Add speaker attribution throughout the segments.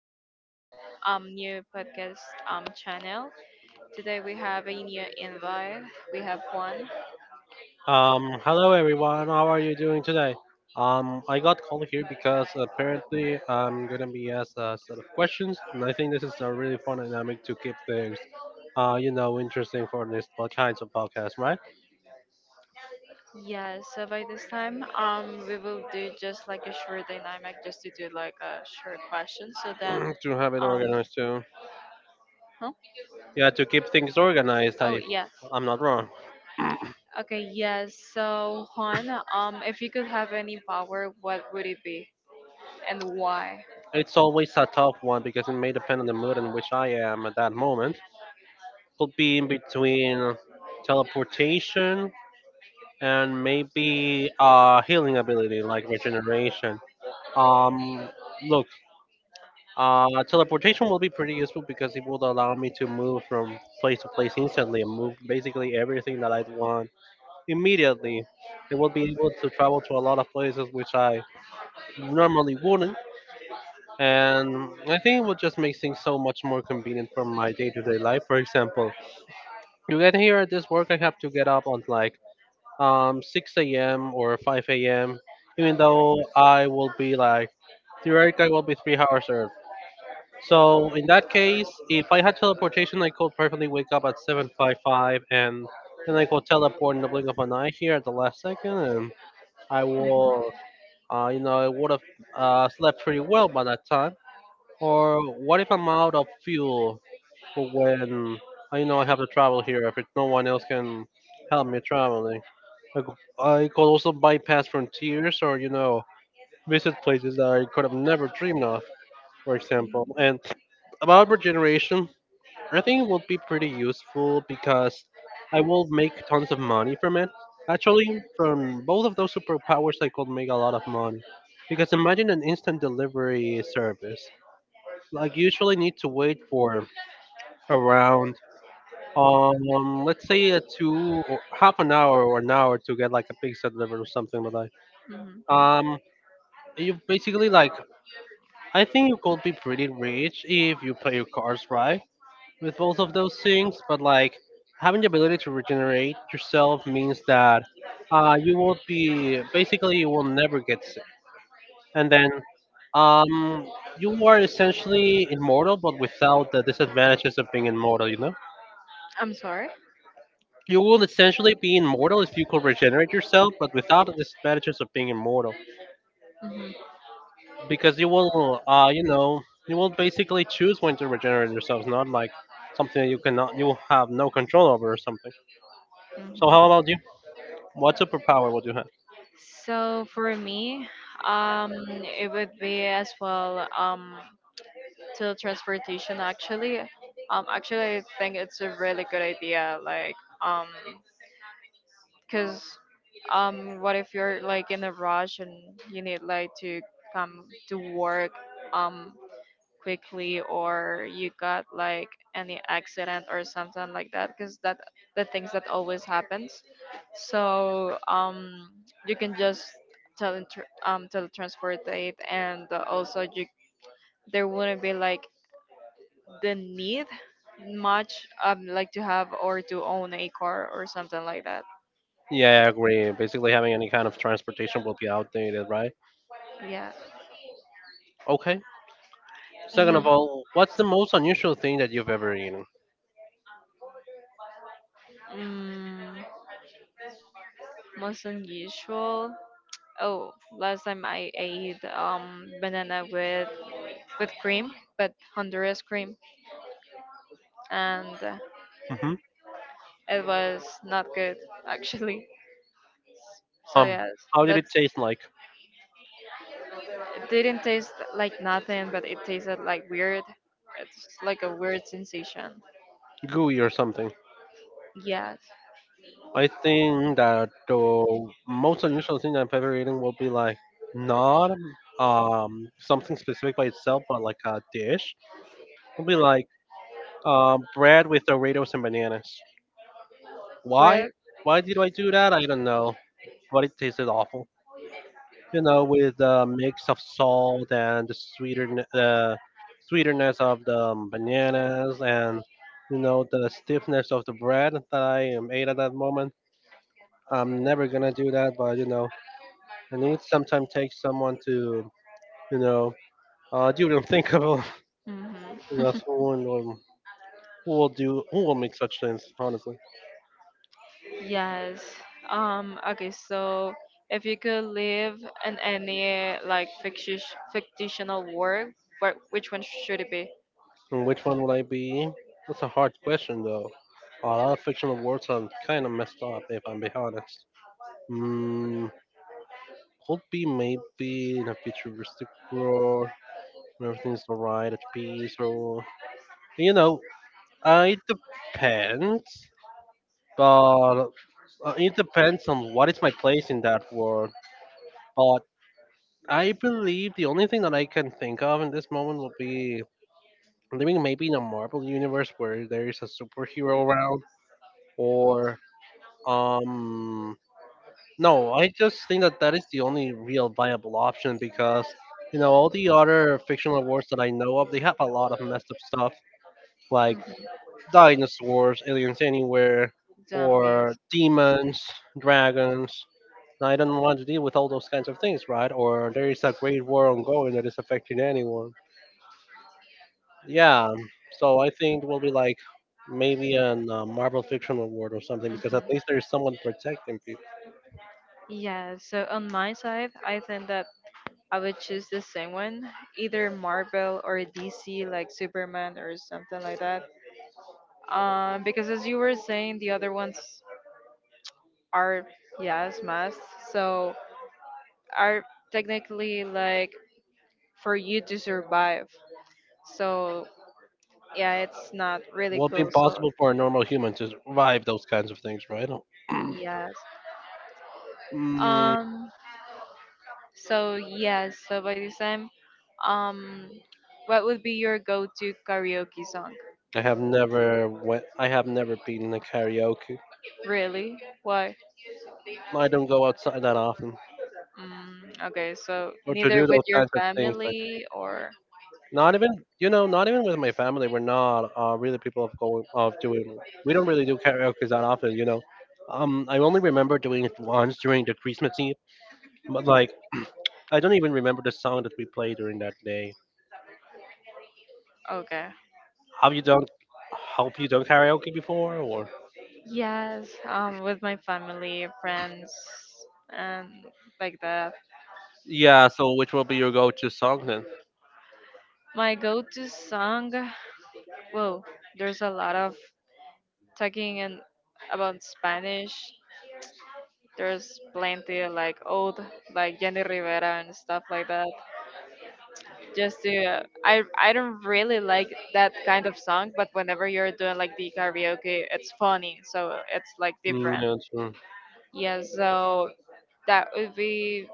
Speaker 1: to our new podcast channel. Today we have a new invite. We have one.
Speaker 2: Hello everyone. How are you doing today? I got called here because apparently I'm gonna be asked a set of questions, and I think this is a really fun dynamic to keep things, interesting for this kinds of podcast, right?
Speaker 1: Yeah, so by this time we will do just like a short dynamic just to do like a short question. So then
Speaker 2: To have it
Speaker 1: um
Speaker 2: organized too.
Speaker 1: huh?
Speaker 2: Yeah, to keep things organized.
Speaker 1: Oh
Speaker 2: I,
Speaker 1: yes.
Speaker 2: I'm not wrong.
Speaker 1: Okay, yes. So Juan, if you could have any power, what would it be and why?
Speaker 2: It's always a tough one because it may depend on the mood in which I am at that moment. Could be in between teleportation and maybe healing ability like regeneration. Um, look, teleportation will be pretty useful because it would allow me to move from place to place instantly and move basically everything that I want immediately. It will be able to travel to a lot of places which I normally wouldn't. And I think it would just make things so much more convenient for my day to day life. For example, you get here at this work, I have to get up on like 6 a.m. or 5 a.m. Even though I will be like theoretically I will be 3 hours early. So in that case, if I had teleportation, I could perfectly wake up at 7:55 and then I could teleport in the blink of an eye here at the last second, and I
Speaker 1: Hmm
Speaker 2: will, I would have slept pretty well by that time. Or what if I'm out of fuel for when I know I have to travel here if it, no one else can help me travel? I, I could also bypass frontiers or, you know, visit places that I could have never dreamed of, for example. And about regeneration, I think it would be pretty useful because I will make tons of money from it. Actually, from both of those superpowers, I could make a lot of money. Because imagine an instant delivery service. Like, you usually need to wait for around, let's say, a two or half an hour or an hour to get like a pizza delivered or something like
Speaker 1: hmm
Speaker 2: that. Um, you basically like I think you could be pretty rich if you play your cards right with both of those things. But like having the ability to regenerate yourself means that you won't be basically you will never get sick. And then um, you are essentially immortal, but without the disadvantages of being immortal. You know,
Speaker 1: I'm sorry.
Speaker 2: you will essentially be immortal if you could regenerate yourself, but without the disadvantages of being immortal.
Speaker 1: Hmm
Speaker 2: Because you will basically choose when to regenerate yourselves, not like something that you have no control over, or something.
Speaker 1: hmm
Speaker 2: So how about you? What superpower would you have?
Speaker 1: So for me, um, it would be as well, to transportation. Actually, I think it's a really good idea. Like, um, cause, what if you're like in a rush and you need like to come to work, um, quickly, or you got like any accident or something like that, because that the things that always happens. So you can just teletransport it, and also you, there wouldn't be like the need much like to have or to own a car or something like that,
Speaker 2: Yeah, I agree. Basically having any kind of transportation will be outdated, right?
Speaker 1: yeah.
Speaker 2: Okay, second of
Speaker 1: Ye-
Speaker 2: all, what's the most unusual thing that you've ever eaten?
Speaker 1: mm, Most unusual. Oh, last time I ate banana with cream, but Honduras cream, and
Speaker 2: Hmm.
Speaker 1: it was not good actually. So
Speaker 2: um
Speaker 1: yes,
Speaker 2: how did it
Speaker 1: that's
Speaker 2: taste like?
Speaker 1: it didn't taste like nothing, but it tasted like weird. It's like a weird sensation.
Speaker 2: Gooey or something?
Speaker 1: Yes,
Speaker 2: I think that the most unusual thing that I've ever eaten will be like not something specific by itself, but like a dish. It'll be like bread with Doritos and bananas. Why?
Speaker 1: bread.
Speaker 2: Why did I do that? I don't know, but it tasted awful. You know, with the mix of salt and the sweeter the sweeterness of the bananas and you know the stiffness of the bread that I ate at that moment. I'm never gonna do that, but you know. And it sometimes takes someone to you know you don't think of you
Speaker 1: Hmm
Speaker 2: know someone will, who will do who will make such things, honestly.
Speaker 1: Yes. Okay. So if you could live in any like fictitious fictional world, what which one should it be?
Speaker 2: And which one would I be? That's a hard question though. A lot of fictional worlds are kind of messed up, if I'm being honest. mm, could be maybe in a futuristic world when everything's alright at peace, or you know it depends. But it depends on what is my place in that world, but. I believe the only thing that I can think of in this moment would be living maybe in a Marvel universe where there is a superhero around, or um, no, I just think that that is the only real viable option because you know all the other fictional wars that I know of, they have a lot of messed up stuff like
Speaker 1: Hmm
Speaker 2: dinosaurs, aliens anywhere, or
Speaker 1: Zombies.
Speaker 2: demons, dragons. And I don't want to deal with all those kinds of things, right? Or there is a great war ongoing that is affecting anyone. Yeah, so I think it will be like maybe an Marvel Fiction Award or something because at least
Speaker 1: Hmm
Speaker 2: there's someone protecting people.
Speaker 1: Yeah, so on my side, I think that I would choose the same one, either Marvel or DC, like Superman or something like that. Because as you were saying, the other ones are, yes, must, so are technically like for you to survive. So yeah, it's not really
Speaker 2: Will be
Speaker 1: cool. So
Speaker 2: impossible for a normal human to survive those kinds of things, right? Oh,
Speaker 1: yes.
Speaker 2: Mm,
Speaker 1: Um. So yes. So by this time, um, what would be your go-to karaoke song?
Speaker 2: I have never went. I have never been in a karaoke.
Speaker 1: Really? Why?
Speaker 2: I don't go outside that often
Speaker 1: Mm, okay, so
Speaker 2: or to do
Speaker 1: neither with
Speaker 2: those
Speaker 1: your
Speaker 2: kinds of things. Like
Speaker 1: family or.
Speaker 2: not even, you know, not even with my family. We're not really people of going of doing. We don't really do karaoke that often. You know, I only remember doing it once during the Christmas Eve. But like I don't even remember the song that we played during that day.
Speaker 1: Okay.
Speaker 2: Have you done, have you done karaoke before, or?
Speaker 1: Yes, with my family, friends, and like that.
Speaker 2: Yeah, so which will be your go-to song then?
Speaker 1: My go-to song. Well, there's a lot of talking and about Spanish. There's plenty like old, like Jenny Rivera and stuff like that. Just to, I don't really like that kind of song, but whenever you're doing like the karaoke, it's funny, so it's like
Speaker 2: Mm,
Speaker 1: different.
Speaker 2: yeah, true.
Speaker 1: Yeah, so that would be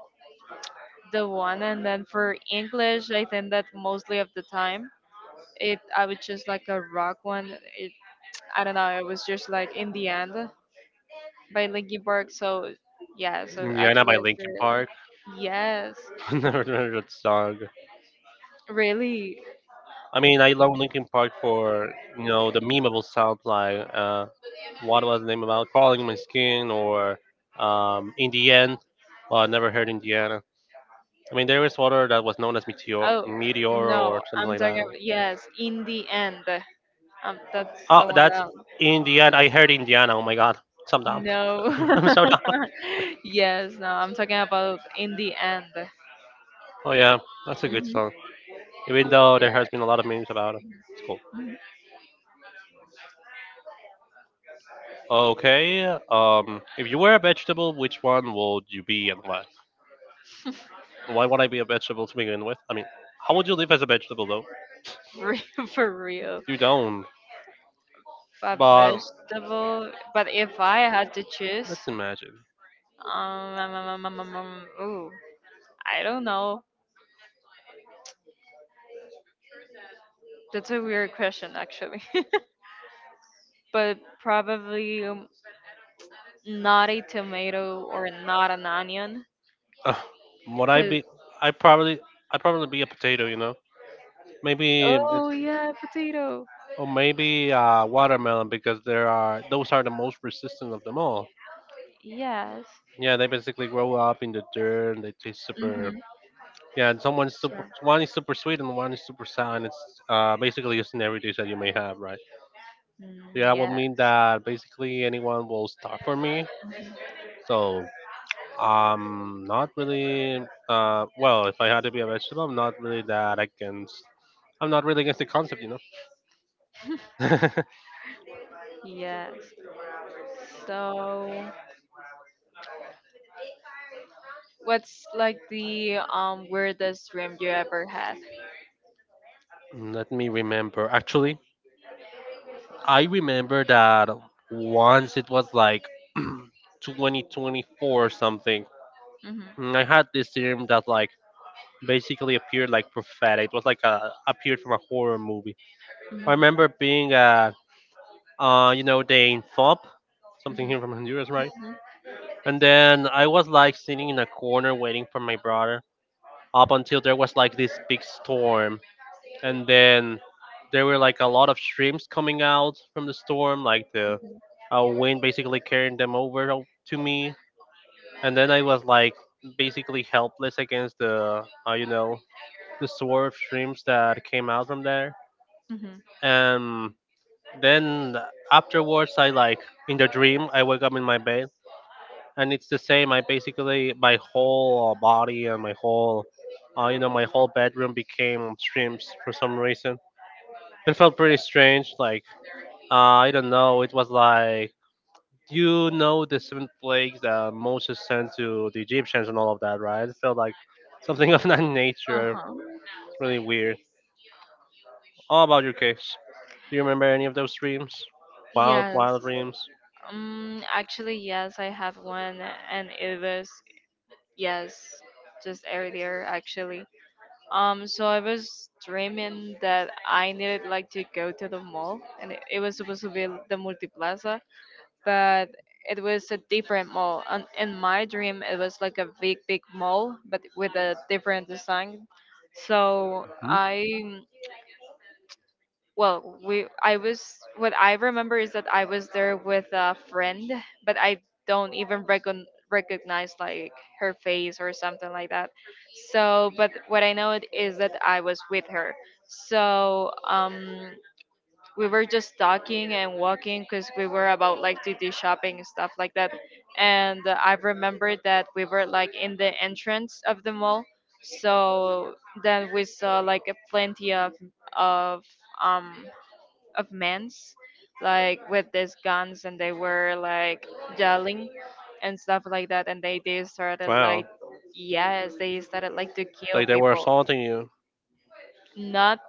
Speaker 1: the one, and then for English, I think that mostly of the time it, I would just like a rock one. It, I don't know, it was just like In the End by Linkin Park. So yeah, so
Speaker 2: Indiana
Speaker 1: actually
Speaker 2: by
Speaker 1: it's
Speaker 2: Linkin
Speaker 1: really,
Speaker 2: Park.
Speaker 1: yes,
Speaker 2: Never heard that song.
Speaker 1: really.
Speaker 2: I mean, I love Linkin Park for you know the memeable sound like what was the name about crawling in my skin or in the end. Well, I never heard Indiana. I mean, there is water that was known as
Speaker 1: Oh
Speaker 2: Meteor
Speaker 1: no,
Speaker 2: or something
Speaker 1: I'm
Speaker 2: like
Speaker 1: talking
Speaker 2: that.
Speaker 1: about yes, In the End. That's
Speaker 2: Oh,
Speaker 1: the one
Speaker 2: that's
Speaker 1: that.
Speaker 2: Indiana. I heard Indiana. Oh my god. So dumb.
Speaker 1: No.
Speaker 2: I'm so dumb.
Speaker 1: Yes, no. I'm talking about In the End.
Speaker 2: Oh yeah, that's a good
Speaker 1: Hmm
Speaker 2: song. Even though there
Speaker 1: Yeah,
Speaker 2: has been a lot of memes about it. It's cool. Okay. If you were a vegetable, which one would you be and why? Why would I be a vegetable to begin with? I mean, how would you live as a vegetable though?
Speaker 1: for real.
Speaker 2: You don't.
Speaker 1: A
Speaker 2: But
Speaker 1: vegetable. But if I had to choose,
Speaker 2: let's imagine.
Speaker 1: um, um, um, um, um, um, um, ooh, I don't know. That's a weird question, actually. But probably, not a tomato or not an onion.
Speaker 2: Uh, would I
Speaker 1: Cause,
Speaker 2: be? I probably. I probably be a potato. You know. Maybe it's,
Speaker 1: oh yeah, potato.
Speaker 2: or maybe watermelon because there are those are the most resistant of them all.
Speaker 1: Yes.
Speaker 2: Yeah, they basically grow up in the dirt and they taste super.
Speaker 1: Mhm.
Speaker 2: Yeah, and someone's super.
Speaker 1: Sure.
Speaker 2: One is super sweet and one is super sour, and it's basically just in every dish that you may have, right? Yeah,
Speaker 1: Mm,
Speaker 2: will
Speaker 1: yeah.
Speaker 2: mean that basically anyone will stop for me. So not really. Well, if I had to be a vegetable, I'm not really that against. I'm not really against the concept, you know.
Speaker 1: Yes. So, what's like the weirdest dream you ever had?
Speaker 2: Let me remember. Actually, I remember that once it was like 2024 or something.
Speaker 1: Mhm.
Speaker 2: I had this dream that like basically appeared like prophetic. It was like a appeared from a horror movie. I
Speaker 1: Mhm.
Speaker 2: remember being they in FOB, something
Speaker 1: Mhm.
Speaker 2: here from Honduras, right?
Speaker 1: Mhm.
Speaker 2: And then I was like sitting in a corner waiting for my brother up until there was like this big storm, and then there were like a lot of streams coming out from the storm, like the wind basically carrying them over to me, and then I was like basically helpless against the the sort of streams that came out from there.
Speaker 1: Mhm.
Speaker 2: And then afterwards, I like in the dream, I wake up in my bed, and it's the same. I basically my whole body and my whole, my whole bedroom became streams for some reason. It felt pretty strange. Like uh, I don't know. It was like you know the seven plagues that Moses sent to the Egyptians and all of that, right? It felt like something of that nature.
Speaker 1: Uh-huh.
Speaker 2: It's really weird. All about your case. Do you remember any of those dreams? Wild,
Speaker 1: Yes.
Speaker 2: wild dreams.
Speaker 1: Actually, yes, I have one, and it was, yes, just earlier actually. So I was dreaming that I needed like to go to the mall, and it was supposed to be the Multiplaza, but it was a different mall. And in my dream, it was like a big, big mall, but with a different design. So
Speaker 2: Hmm?
Speaker 1: I was, what I remember is that I was there with a friend, but I don't even recognize like her face or something like that. So, but what I know it is that I was with her. So, we were just talking and walking because we were about like to do shopping and stuff like that. And I remembered that we were like in the entrance of the mall, so then we saw like a plenty of of um men's like with these guns, and they were like yelling and stuff like that, and they started
Speaker 2: Wow.
Speaker 1: like, yes, they started like to kill
Speaker 2: Like they were
Speaker 1: people.
Speaker 2: assaulting you,
Speaker 1: Not,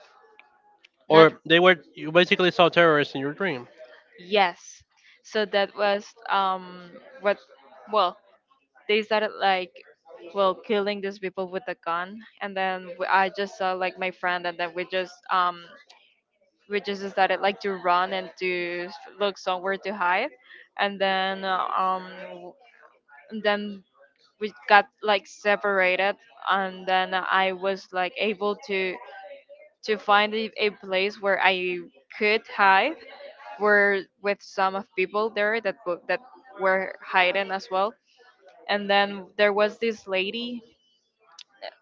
Speaker 1: not,
Speaker 2: or they were you basically saw terrorists in your dream,
Speaker 1: yes. So that was what well, they started like, well, killing these people with a gun, and then I just saw like my friend, and then we just started like to run and to look somewhere to hide, and then and then we got like separated, and then I was like able to find a place where I could hide, were with some of people there that that were hiding as well. And then there was this lady,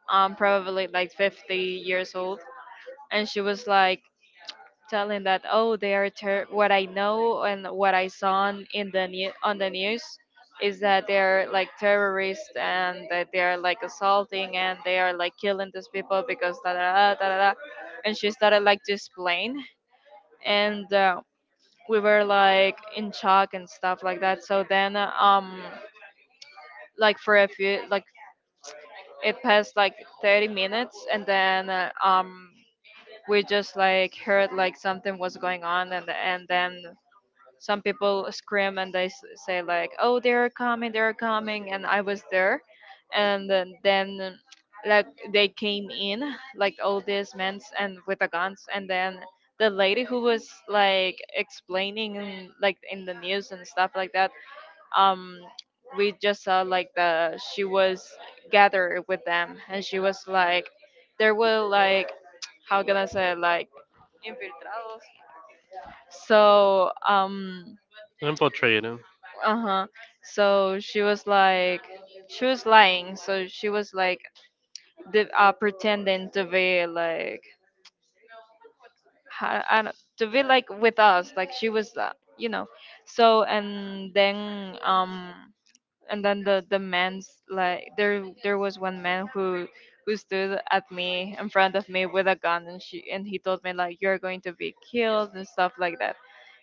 Speaker 1: probably like 50 years old, and she was like telling that, oh, they are what I know and what I saw on, in the new on the news is that they are like terrorists, and that they are like assaulting, and they are like killing these people because da da da da da. Da." And she started like to explain. And, uh, we were like in shock and stuff like that. So then, like for a few, like it passed like 30 minutes, and then we just like heard like something was going on, and then some people scream and they say like, "Oh, they're coming," and I was there, and then like they came in, like all these men and with the guns, and then the lady who was like explaining like in the news and stuff like that, um, we just saw like, the she was gathered with them, and she was like, there were like, how can I say it, like infiltrados. So
Speaker 2: infiltrating,
Speaker 1: uh-huh, so she was like she was lying, so she was like pretending to be like, I don't, to be like with us, like she was, you know. So and then the man's like, there, was one man who stood at me in front of me with a gun, and she and he told me like, you're going to be killed and stuff like that.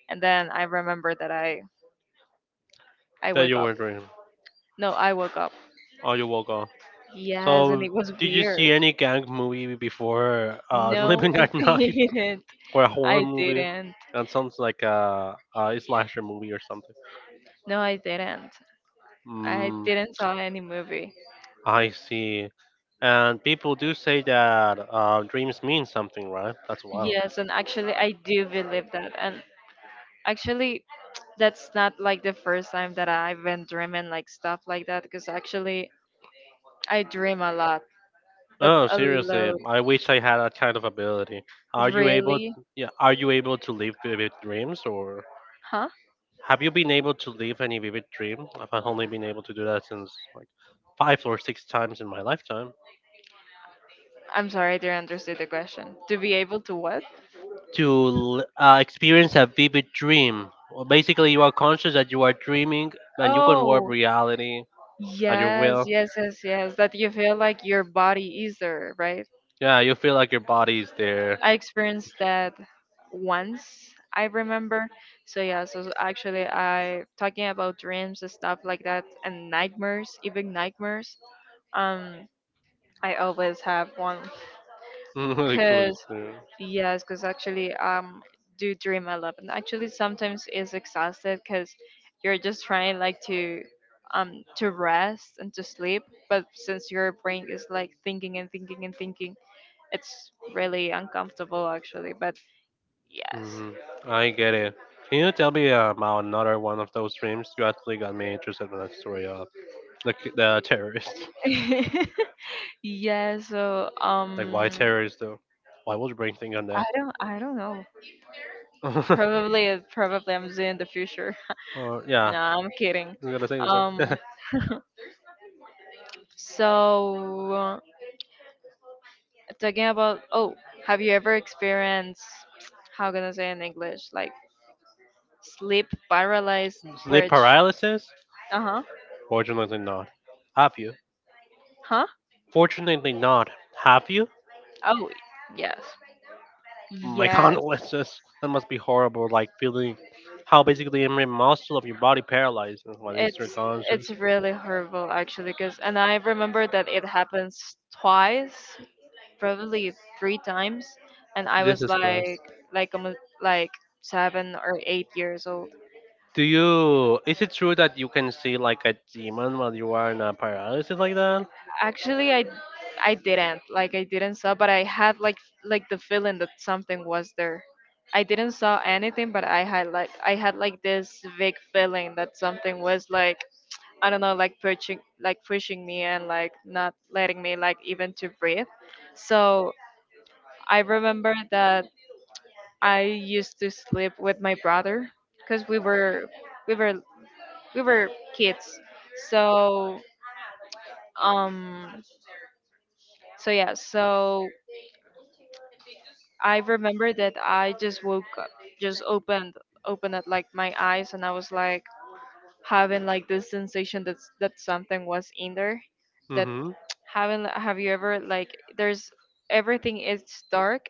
Speaker 1: And then I remember that I
Speaker 2: that
Speaker 1: wake
Speaker 2: you
Speaker 1: up
Speaker 2: were dreaming.
Speaker 1: no I woke up.
Speaker 2: Oh, you woke up.
Speaker 1: Yes, and
Speaker 2: So,
Speaker 1: it was
Speaker 2: did you
Speaker 1: weird.
Speaker 2: see any gang movie before
Speaker 1: No,
Speaker 2: Living
Speaker 1: I
Speaker 2: at Night,
Speaker 1: didn't.
Speaker 2: or a horror
Speaker 1: I
Speaker 2: movie?
Speaker 1: didn't.
Speaker 2: That sounds like a slasher movie or something.
Speaker 1: No, I didn't. I
Speaker 2: Mm,
Speaker 1: didn't saw any movie.
Speaker 2: I see. And people do say that dreams mean something, right? That's wild.
Speaker 1: Yes, and actually, I do believe that. And actually, that's not like the first time that I've been dreaming like stuff like that. Because actually, I dream a lot, but
Speaker 2: Oh,
Speaker 1: a
Speaker 2: seriously,
Speaker 1: lot.
Speaker 2: I wish I had that kind of ability. Are you able?
Speaker 1: Really?
Speaker 2: Yeah, are you able to live vivid dreams, or
Speaker 1: Huh?
Speaker 2: have you been able to live any vivid dream? I've only been able to do that since like five or six times in my lifetime.
Speaker 1: I'm sorry, I didn't understand the question. To be able to what?
Speaker 2: To experience a vivid dream, well, basically, you are conscious that you are dreaming, and you can warp
Speaker 1: Oh,
Speaker 2: reality at your
Speaker 1: yes,
Speaker 2: will.
Speaker 1: yes, yes, yes. That you feel like your body is there, right?
Speaker 2: Yeah, you feel like your body is there.
Speaker 1: I experienced that once I remember. So yeah, so actually I talking about dreams and stuff like that and nightmares, even nightmares. Um I always have one,
Speaker 2: Really cool
Speaker 1: cuz
Speaker 2: experience.
Speaker 1: yes, cuz actually do dream a lot. And actually sometimes it's exhausted cuz you're just trying like um to rest and to sleep, but since your brain is like thinking and thinking and thinking, it's really uncomfortable actually, but yes.
Speaker 2: Hmm. I get it. Can you tell me about another one of those dreams? You actually got me interested in that story of the terrorist.
Speaker 1: Yeah, so
Speaker 2: Like why terrorist though? Why would you bring things on
Speaker 1: I
Speaker 2: that?
Speaker 1: don't I don't know. Probably I'm doing in the future.
Speaker 2: or yeah,
Speaker 1: No, I'm kidding.
Speaker 2: I'm gonna say the
Speaker 1: Um,
Speaker 2: same.
Speaker 1: so talking about, oh, have you ever experienced how can I say in English? Like sleep paralyzed,
Speaker 2: Sleep
Speaker 1: which,
Speaker 2: paralysis?
Speaker 1: uh-huh.
Speaker 2: Fortunately not. Have you?
Speaker 1: Huh?
Speaker 2: Fortunately not. Have you?
Speaker 1: Oh, yes.
Speaker 2: My
Speaker 1: Yes.
Speaker 2: condolences. That must be horrible. Like feeling how basically every muscle of your body paralyzed while you're still
Speaker 1: It's it's
Speaker 2: conscious.
Speaker 1: really horrible actually, because and I remember that it happens twice, probably three times, and I was
Speaker 2: Jesus
Speaker 1: like
Speaker 2: Christ.
Speaker 1: like almost like 7 or 8 years old.
Speaker 2: Do you? Is it true that you can see like a demon while you are in a paralysis like that?
Speaker 1: Actually, I didn't like I didn't saw, but I had like the feeling that something was there. I didn't saw anything, but I had like this vague feeling that something was like, I don't know, like pushing, like pushing me, and like not letting me like even to breathe. So I remember that I used to sleep with my brother because we were we were kids. So um so yeah, so I remember that I just woke up, just opened up like my eyes, and I was like having like this sensation that something was in there. That
Speaker 2: Mm-hmm.
Speaker 1: having, have you ever like, there's everything is dark,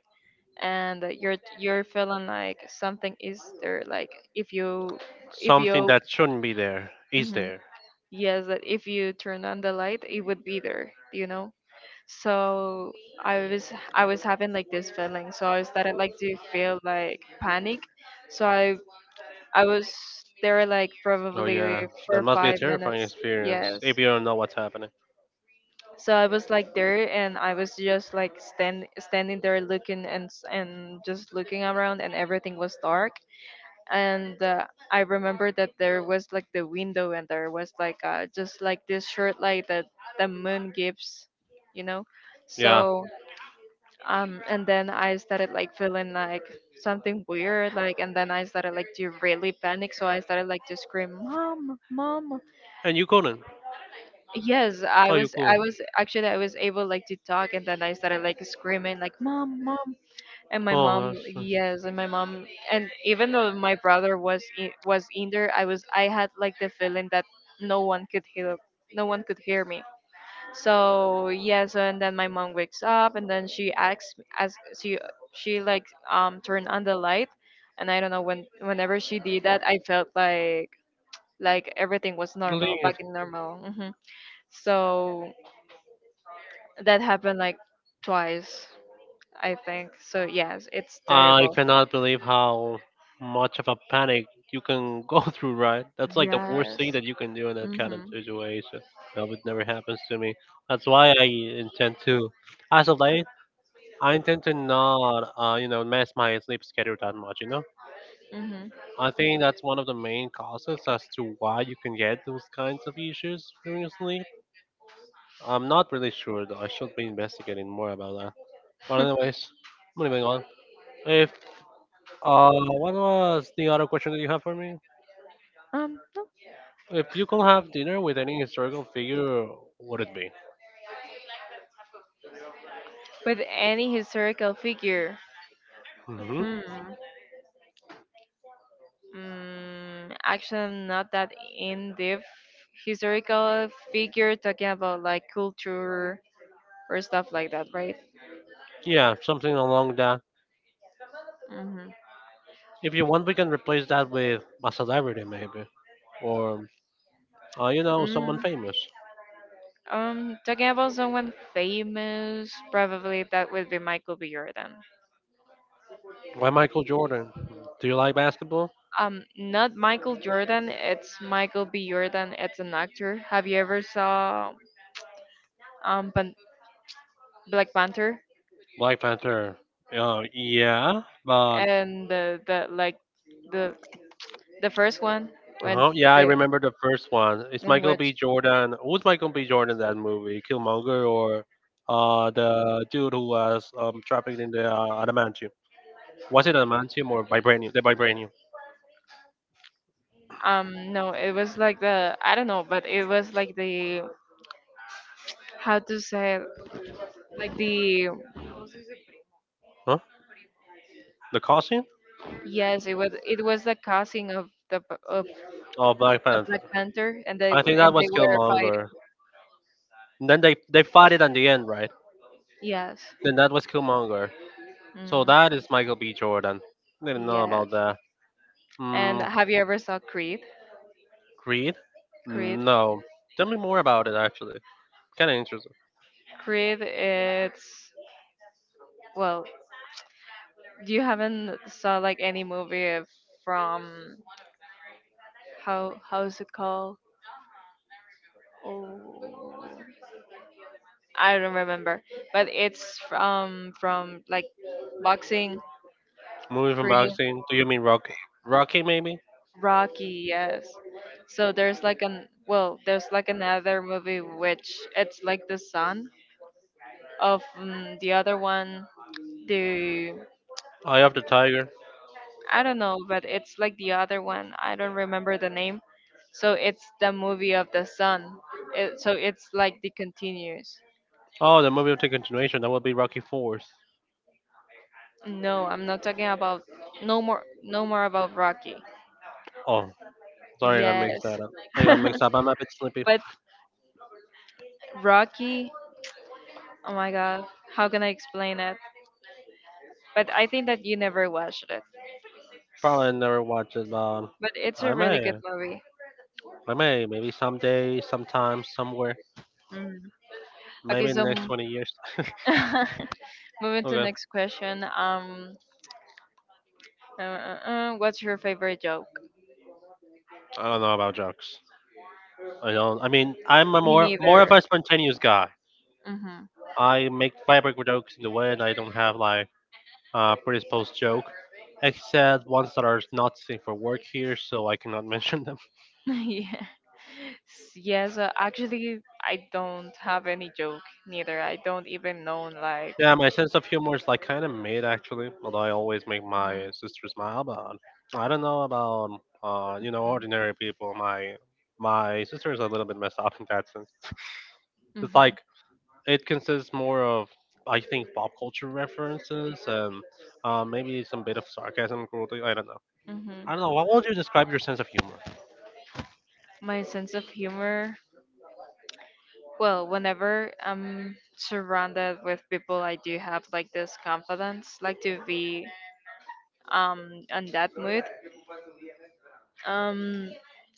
Speaker 1: and you're feeling like something is there, like if you if
Speaker 2: Something
Speaker 1: you
Speaker 2: that shouldn't be there is
Speaker 1: mhm,
Speaker 2: there.
Speaker 1: yes, that if you turn on the light it would be there, you know. So I was having like this feeling, so I started like to feel like panic, so I was there like
Speaker 2: Oh
Speaker 1: probably
Speaker 2: yeah, that
Speaker 1: for
Speaker 2: must be a
Speaker 1: five
Speaker 2: terrifying
Speaker 1: minutes
Speaker 2: experience
Speaker 1: yes.
Speaker 2: if you don't know what's happening.
Speaker 1: So I was like there, and I was just like standing there looking and and just looking around, and everything was dark, and I remember that there was like the window, and there was like just like this short light that the moon gives, you know.
Speaker 2: Yeah.
Speaker 1: So and then I started like feeling like something weird like and then I started like to really panic, so I started like to scream, mom, mom.
Speaker 2: And you couldn't.
Speaker 1: yes I
Speaker 2: Oh, you
Speaker 1: was I
Speaker 2: could.
Speaker 1: was actually I was able like to talk, and then I started like screaming like mom, mom and my
Speaker 2: Oh,
Speaker 1: mom.
Speaker 2: that's that's-
Speaker 1: Yes, and my mom. And even though my brother was was in there, I had like the feeling that no one could hear no one could hear me. So yeah. So and then my mom wakes up and then she asks as she like turned on the light. And I don't know whenever she did that, I felt like everything was normal, back in normal. Hmm. So that happened like twice, I think. So yes, it's
Speaker 2: yeah, I
Speaker 1: terrible.
Speaker 2: cannot believe how much of a panic you can go through, right? That's like the worst
Speaker 1: Yes.
Speaker 2: thing that you can do in that kind of
Speaker 1: Mhm.
Speaker 2: situation. I hope it never happens to me. That's why I intend to, as of late, I tend to not, you know, mess my sleep schedule that much. You know,
Speaker 1: Mhm.
Speaker 2: I think that's one of the main causes as to why you can get those kinds of issues during your sleep. I'm not really sure though. I should be investigating more about that. But anyways, moving on. If uh, what was the other question that you have for me?
Speaker 1: No.
Speaker 2: If you could have dinner with any historical figure, would it be?
Speaker 1: But any historical figure.
Speaker 2: Hmm.
Speaker 1: Hmm. Mm, actually, I'm not that in depth. Historical figure, talking about like culture or stuff like that, right?
Speaker 2: Yeah, something along that.
Speaker 1: Mhm.
Speaker 2: If you want, we can replace that with a celebrity maybe, or you know, someone
Speaker 1: Mm.
Speaker 2: famous.
Speaker 1: Talking about someone famous, probably that would be Michael B. Jordan.
Speaker 2: Why Michael Jordan? Do you like basketball?
Speaker 1: Not Michael Jordan. It's Michael B. Jordan. It's an actor. Have you ever saw um Pan- Black Panther?
Speaker 2: Black Panther. Oh yeah, but
Speaker 1: And the the first one, when,
Speaker 2: yeah, I
Speaker 1: the
Speaker 2: remember the first one. It's
Speaker 1: in
Speaker 2: Michael
Speaker 1: which,
Speaker 2: B. Jordan. Who's Michael B. Jordan in that movie? Killmonger or the dude who was trapped in the adamantium? Was it adamantium or vibranium? The vibranium.
Speaker 1: no, it was like the, I don't know, but it was like the, how to say it, like the,
Speaker 2: Huh? The costume
Speaker 1: yes, it was, it was the causing of the of
Speaker 2: of Black
Speaker 1: the
Speaker 2: Panther.
Speaker 1: Black Panther, and they,
Speaker 2: I think that
Speaker 1: and
Speaker 2: was
Speaker 1: they were fighting.
Speaker 2: Killmonger. And then they fought it at the end, right?
Speaker 1: Yes.
Speaker 2: Then that was Killmonger. So
Speaker 1: Mm.
Speaker 2: that is Michael B. Jordan. Didn't know
Speaker 1: Yes,
Speaker 2: about that. Hmm.
Speaker 1: and have you ever saw Creed?
Speaker 2: Creed?
Speaker 1: Creed.
Speaker 2: No. Tell me more about it, actually. Kind of interesting.
Speaker 1: Creed, it's, well, you haven't saw like any movie from, how is it called, oh, I don't remember, but it's from like boxing.
Speaker 2: Movie from
Speaker 1: Creed.
Speaker 2: boxing? Do you mean Rocky? Rocky, maybe?
Speaker 1: Rocky. Yes. So there's like an, well, there's like another movie which it's like the son of, mm, the other one. The,
Speaker 2: Eye of the Tiger?
Speaker 1: I don't know, but it's like the other one. I don't remember the name. So it's the movie of the son. It, so it's like the continues.
Speaker 2: Oh, the movie will take continuation. That will be Rocky 4.
Speaker 1: No, I'm not talking about no more about Rocky.
Speaker 2: Oh, sorry, I got
Speaker 1: Yes.
Speaker 2: mixed that up. I got mixed up. I'm a bit sleepy.
Speaker 1: But Rocky, oh my god, how can I explain it? But I think that you never watched it.
Speaker 2: Probably never watch it, but
Speaker 1: But it's
Speaker 2: I
Speaker 1: a really good
Speaker 2: may.
Speaker 1: movie.
Speaker 2: I may. Maybe someday, sometime, somewhere.
Speaker 1: Mm. Okay,
Speaker 2: Maybe in
Speaker 1: so
Speaker 2: the next 20 years.
Speaker 1: moving to
Speaker 2: Okay.
Speaker 1: next question. What's your favorite joke?
Speaker 2: I don't know about jokes. I don't. I mean, I'm a
Speaker 1: Me
Speaker 2: more more of
Speaker 1: neither.
Speaker 2: a spontaneous guy.
Speaker 1: Hmm.
Speaker 2: I make fabric jokes in the way, and I don't have like a predisposed joke, except ones that are not seen for work here, so I cannot mention them.
Speaker 1: Yeah. Yes, actually, I don't have any joke neither. I don't even know like.
Speaker 2: Yeah, my sense of humor is like kind of mid actually, although I always make my sister smile. But I don't know about you know
Speaker 1: Mm-hmm.
Speaker 2: ordinary people. My sister is a little bit messed up in that sense. It's
Speaker 1: mm
Speaker 2: like it consists more of I think pop culture references and maybe some bit of sarcasm, cruelty. I don't know.
Speaker 1: hmm
Speaker 2: I don't know. What would you describe your sense of humor?
Speaker 1: My sense of humor. Well, whenever I'm surrounded with people, I do have like this confidence, like to be on that mood. Um,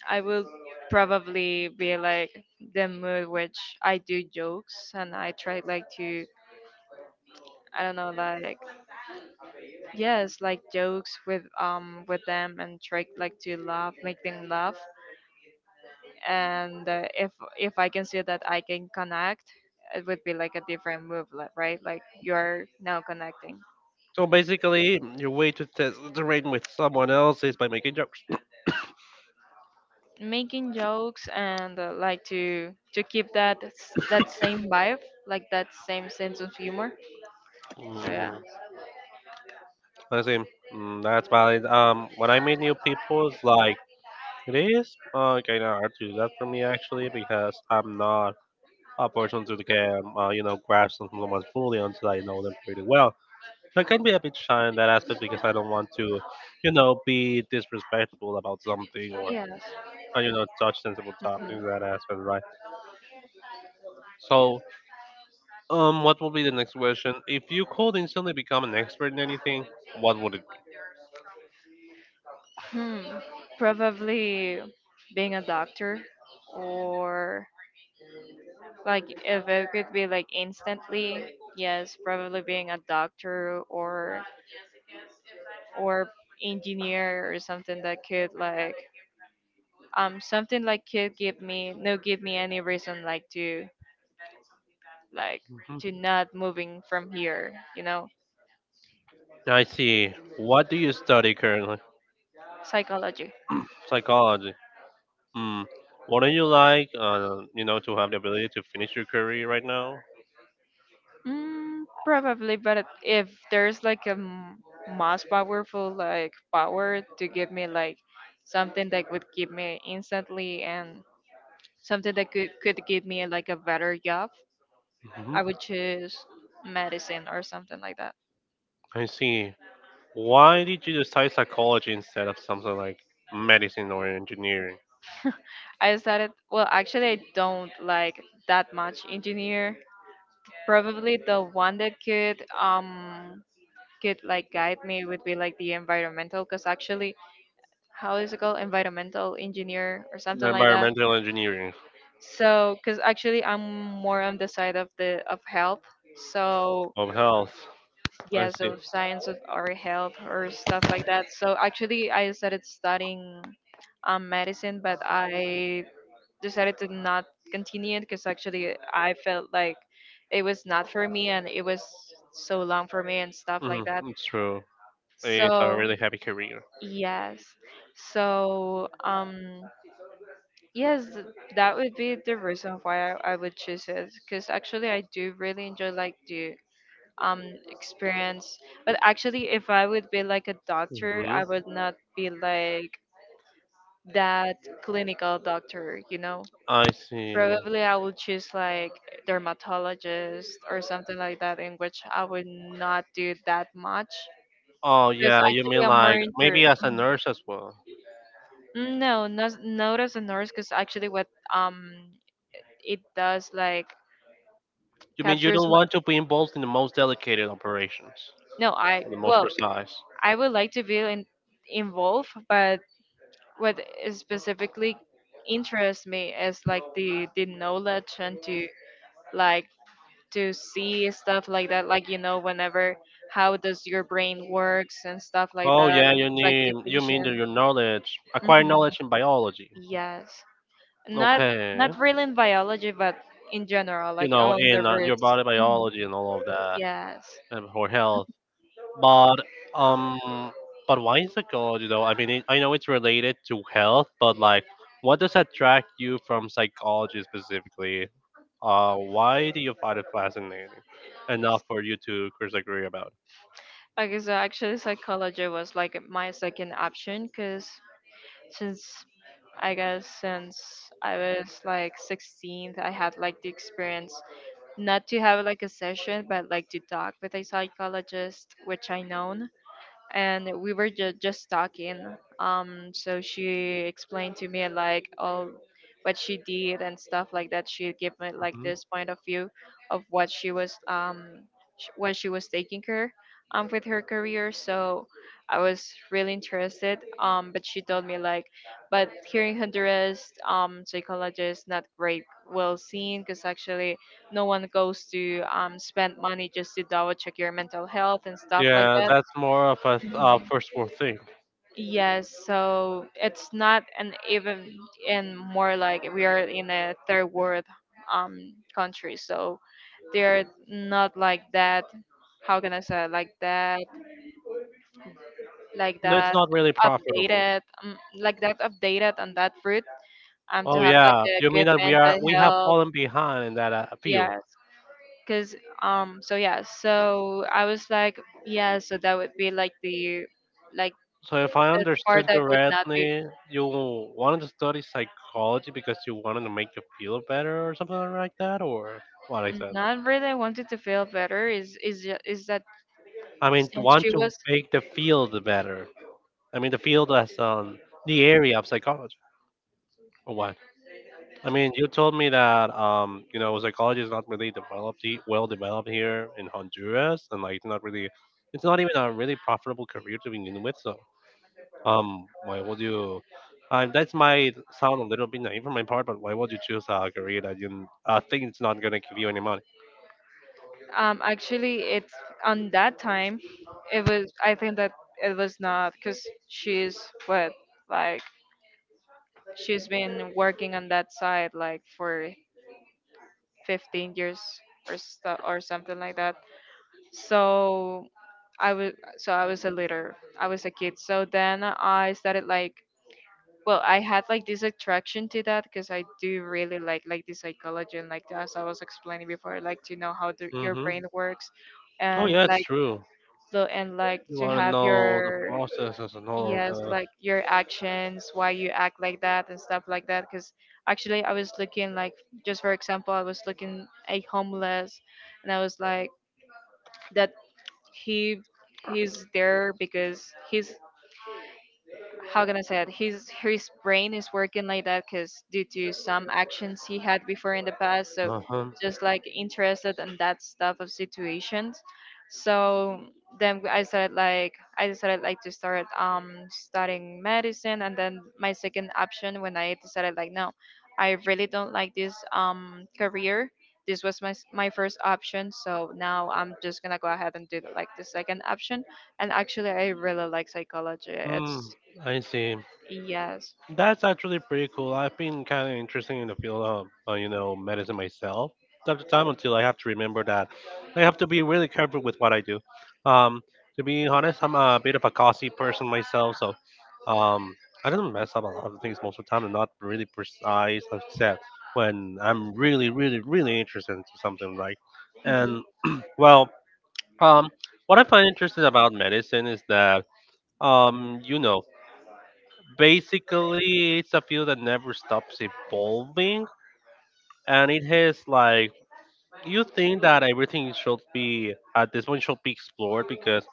Speaker 1: I will probably be like the mood which I do jokes and I try like to, I don't know like, yes like jokes with them and try like to laugh, make them laugh. And if I can see that I can connect, it would be like a different move, like, right? Like you're now connecting.
Speaker 2: So basically, your way to test the rating with someone else is by making jokes.
Speaker 1: Making jokes and like to keep that that same vibe, like that same sense of humor. So yeah.
Speaker 2: Mm, I see. Mm, that's valid. When I meet new people, it's like it is kind of hard to do that for me actually because I'm not a person to the game. You know, grasp someone's fully until I know them pretty well. So I can be a bit shy in that aspect because I don't want to, you know, be disrespectful about something or,
Speaker 1: Yes.
Speaker 2: you know, touch sensible topics in
Speaker 1: Mhm.
Speaker 2: that aspect, right? So, what will be the next question? If you could instantly become an expert in anything, what would it
Speaker 1: Hmm. Probably being a doctor, or, like, if it could be like instantly, yes, probably being a doctor or engineer or something that could like, something like could give me, no, give me any reason like to, like,
Speaker 2: be? Mhm.
Speaker 1: to not moving from here, you know.
Speaker 2: I see. What do you study currently?
Speaker 1: Psychology.
Speaker 2: Psychology. Hmm. Wouldn't you like, you know, to have the ability to finish your career right now?
Speaker 1: Mm, probably, but if there's like a most powerful like power to give me like something that would give me instantly and something that could give me like a better job,
Speaker 2: Hmm.
Speaker 1: I would choose medicine or something like that.
Speaker 2: I see. Why did you decide psychology instead of something like medicine or engineering?
Speaker 1: I started, well, actually I don't like that much engineer. Probably the one that could like guide me would be like the environmental, because actually, how is it called, environmental engineer or something like that.
Speaker 2: Environmental engineering
Speaker 1: So because actually I'm more on the side of the of health. So
Speaker 2: of health. I
Speaker 1: yeah,
Speaker 2: see.
Speaker 1: so science of or health or stuff like that. So actually I started studying medicine, but I decided to not continue it because actually I felt like it was not for me, and it was so long for me and stuff
Speaker 2: Hmm,
Speaker 1: like that.
Speaker 2: it's true. It's a
Speaker 1: So.
Speaker 2: really happy career.
Speaker 1: Yes. So, yes, that would be the reason why I would choose it. Because actually, I do really enjoy like the um experience. But actually, if I would be like a doctor,
Speaker 2: Hmm.
Speaker 1: I would not be like that clinical doctor, you know?
Speaker 2: I see.
Speaker 1: Probably I would choose like dermatologist or something like that, in which I would not do that much.
Speaker 2: Oh
Speaker 1: Because
Speaker 2: yeah, you
Speaker 1: actually,
Speaker 2: mean
Speaker 1: I'm more
Speaker 2: like
Speaker 1: inter,
Speaker 2: maybe as a nurse as well.
Speaker 1: mm, no, not not as a nurse, because actually what um it does, like
Speaker 2: You mean you
Speaker 1: captures
Speaker 2: don't
Speaker 1: my,
Speaker 2: want to be involved in the most delicate operations,
Speaker 1: no, I,
Speaker 2: or the most
Speaker 1: well,
Speaker 2: precise.
Speaker 1: I would like to be in, involved, but what is specifically interests me is like the knowledge and to, like, to see stuff like that, like, you know, whenever how does your brain works and stuff like
Speaker 2: Oh
Speaker 1: that,
Speaker 2: yeah,
Speaker 1: like the
Speaker 2: you mean that
Speaker 1: patient.
Speaker 2: your knowledge, acquire
Speaker 1: Hmm.
Speaker 2: knowledge in biology.
Speaker 1: Yes, not, not
Speaker 2: Okay,
Speaker 1: really in biology, but in general,
Speaker 2: you
Speaker 1: like
Speaker 2: know
Speaker 1: on the
Speaker 2: in your
Speaker 1: roots.
Speaker 2: body
Speaker 1: Mm-hmm.
Speaker 2: biology and all of that,
Speaker 1: Yes.
Speaker 2: and for health. But um, but why is psychology though? I mean, I know it's related to health, but like, what does attract you from psychology specifically? Why do you find it fascinating enough for you to disagree about?
Speaker 1: Okay, so actually, psychology was like my second option, because since, I guess since I was like 16, I had like the experience, not to have like a session, but like to talk with a psychologist, which I know. And we were just talking. So she explained to me like all what she did and stuff like that. She gave me like
Speaker 2: Hmm.
Speaker 1: this point of view of what she was, what she was taking care with her career. So I was really interested. But she told me like, but here in Honduras, psychology is not great well seen, because actually no one goes to spend money just to double check your mental health and stuff like
Speaker 2: Yeah, that's more of a
Speaker 1: that.
Speaker 2: first world thing.
Speaker 1: Yes, so it's not an even, and more like we are in a third world country, so they're not like that. How can I say it? Like that? Like
Speaker 2: No, it's
Speaker 1: that
Speaker 2: not really profitable.
Speaker 1: like that updated on that fruit. To
Speaker 2: Oh
Speaker 1: have like
Speaker 2: yeah,
Speaker 1: a
Speaker 2: you mean
Speaker 1: good
Speaker 2: that
Speaker 1: mental
Speaker 2: we have
Speaker 1: health.
Speaker 2: fallen behind in that field?
Speaker 1: Yes, cause, so yeah, so I was like, yeah, so that would be like
Speaker 2: So
Speaker 1: the
Speaker 2: if I
Speaker 1: part
Speaker 2: understood
Speaker 1: that would not be.
Speaker 2: correctly, you wanted to study psychology because you wanted to make you feel better or something like that, or what? I said.
Speaker 1: Not really. I wanted to feel better. Is is that
Speaker 2: I mean,
Speaker 1: since
Speaker 2: want
Speaker 1: she
Speaker 2: to
Speaker 1: was
Speaker 2: make the field better. I mean, the field as the area of psychology, or what? I mean, you told me that you know psychology is not really well developed here in Honduras, and like it's not really it's not even a really profitable career to begin with. So um, why would you? That might sound a little bit naive from my part, but why would you choose a career that you think it's not gonna give you any money?
Speaker 1: actually it's, on that time, it was, I think that it was not because she's what, like she's been working on that side like for 15 years or stuff or something like that. So I was, so I was a little, I was a kid. So then I started like, well, I had like this attraction to that because I do really like the psychology, and like as I was explaining before, I like to know how the, your
Speaker 2: Mm-hmm.
Speaker 1: brain works
Speaker 2: Oh
Speaker 1: and
Speaker 2: yeah, it's
Speaker 1: like
Speaker 2: true.
Speaker 1: the, and like
Speaker 2: You
Speaker 1: to
Speaker 2: want to
Speaker 1: have
Speaker 2: know the
Speaker 1: your,
Speaker 2: processes and all
Speaker 1: yes,
Speaker 2: of
Speaker 1: like your actions, why you act like that and stuff like that, because actually I was looking like, just for example I was looking a homeless, and I was like, that he, he's there because he's, how can I say it? His brain is working like that because due to some actions he had before in the past.
Speaker 2: that.
Speaker 1: So
Speaker 2: Uh-huh.
Speaker 1: just like interested in that stuff of situations. So then I started like, I decided like to start studying medicine, and then my second option, when I decided like no, I really don't like this career. This was my my first option, so now I'm just gonna go ahead and do like the second option. And actually I really like psychology.
Speaker 2: Hmm.
Speaker 1: It's.
Speaker 2: I see.
Speaker 1: Yes.
Speaker 2: That's actually pretty cool. I've been kind of interested in the field of, you know, medicine myself, time to time, until I have to remember that I have to be really careful with what I do. Um, to be honest, I'm a bit of a gossy person myself, so um, I don't mess up a lot of things most of the time. I'm not really precise, except when I'm really, really, really interested into something, right? And well, um, what I find interesting about medicine is that, you know, basically, it's a field that never stops evolving, and it has like you think that everything should be at this point should be explored because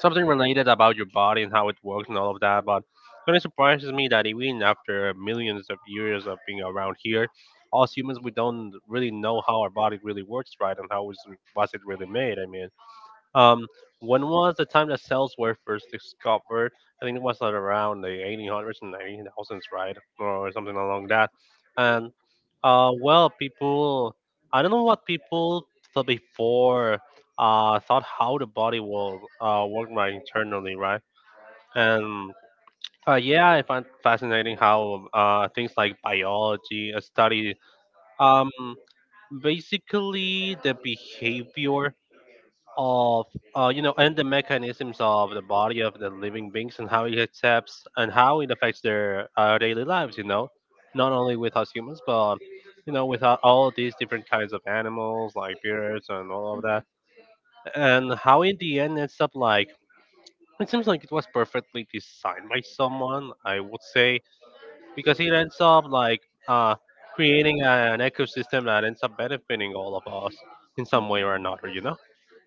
Speaker 2: something related about your body and how it works and all of that. But it kind of surprises me that even after millions of years of being around here, us humans we don't really know how our body really works, right, and how is was it really made. I mean. Um, when was the time that cells were first discovered? I think it was like around the 1800s and 1900s, right, or something along that. And well, I don't know what people thought before. Thought how the body will work right internally, right? And yeah, I find fascinating how things like biology study um basically the behavior of you know and the mechanisms of the body of the living beings and how it accepts and how it affects their daily lives, you know, not only with us humans but you know with all these different kinds of animals like birds and all of
Speaker 1: Mhm.
Speaker 2: that and how in the end ends up like it seems like it was perfectly designed by someone I would say because it ends up like uh, creating an ecosystem that ends up benefiting all of us in some way or another, you know.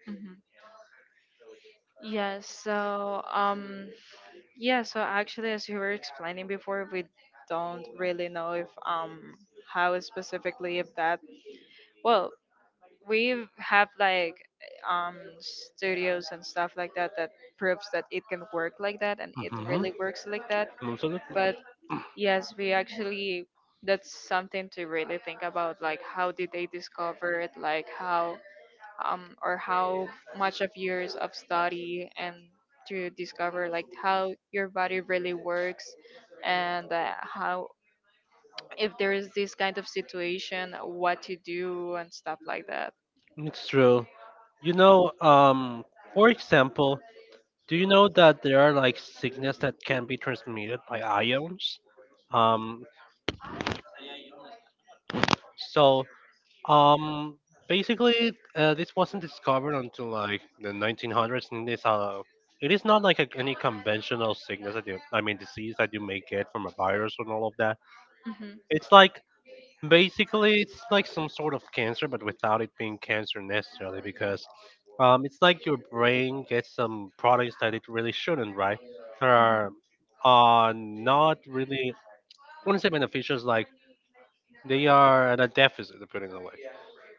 Speaker 1: Mhm. Yes. So, yeah. So actually, as you were explaining before, we don't really know if how specifically if that. Well, we have like studios and stuff like that that proves that it can work like that and it
Speaker 2: Mm-hmm.
Speaker 1: really works like that.
Speaker 2: Absolutely.
Speaker 1: But. Yes, we actually, that's something to really think about, like how did they discover it, like how or how much of years of study and to discover like how your body really works, and how, if there is this kind of situation, what to do and stuff like that.
Speaker 2: It's true. You know, for example, do you know that there are like sickness that can be transmitted by ions? Um, so, um, basically, this wasn't discovered until like the 1900s, and this it is not like a, any conventional sickness that you, I mean, disease that you may get from a virus and all of that.
Speaker 1: Hmm.
Speaker 2: It's like basically, it's like some sort of cancer, but without it being cancer necessarily, because it's like your brain gets some products that it really shouldn't, right? That are not really, I wouldn't say beneficial, it's like they are at a deficit, to put it away.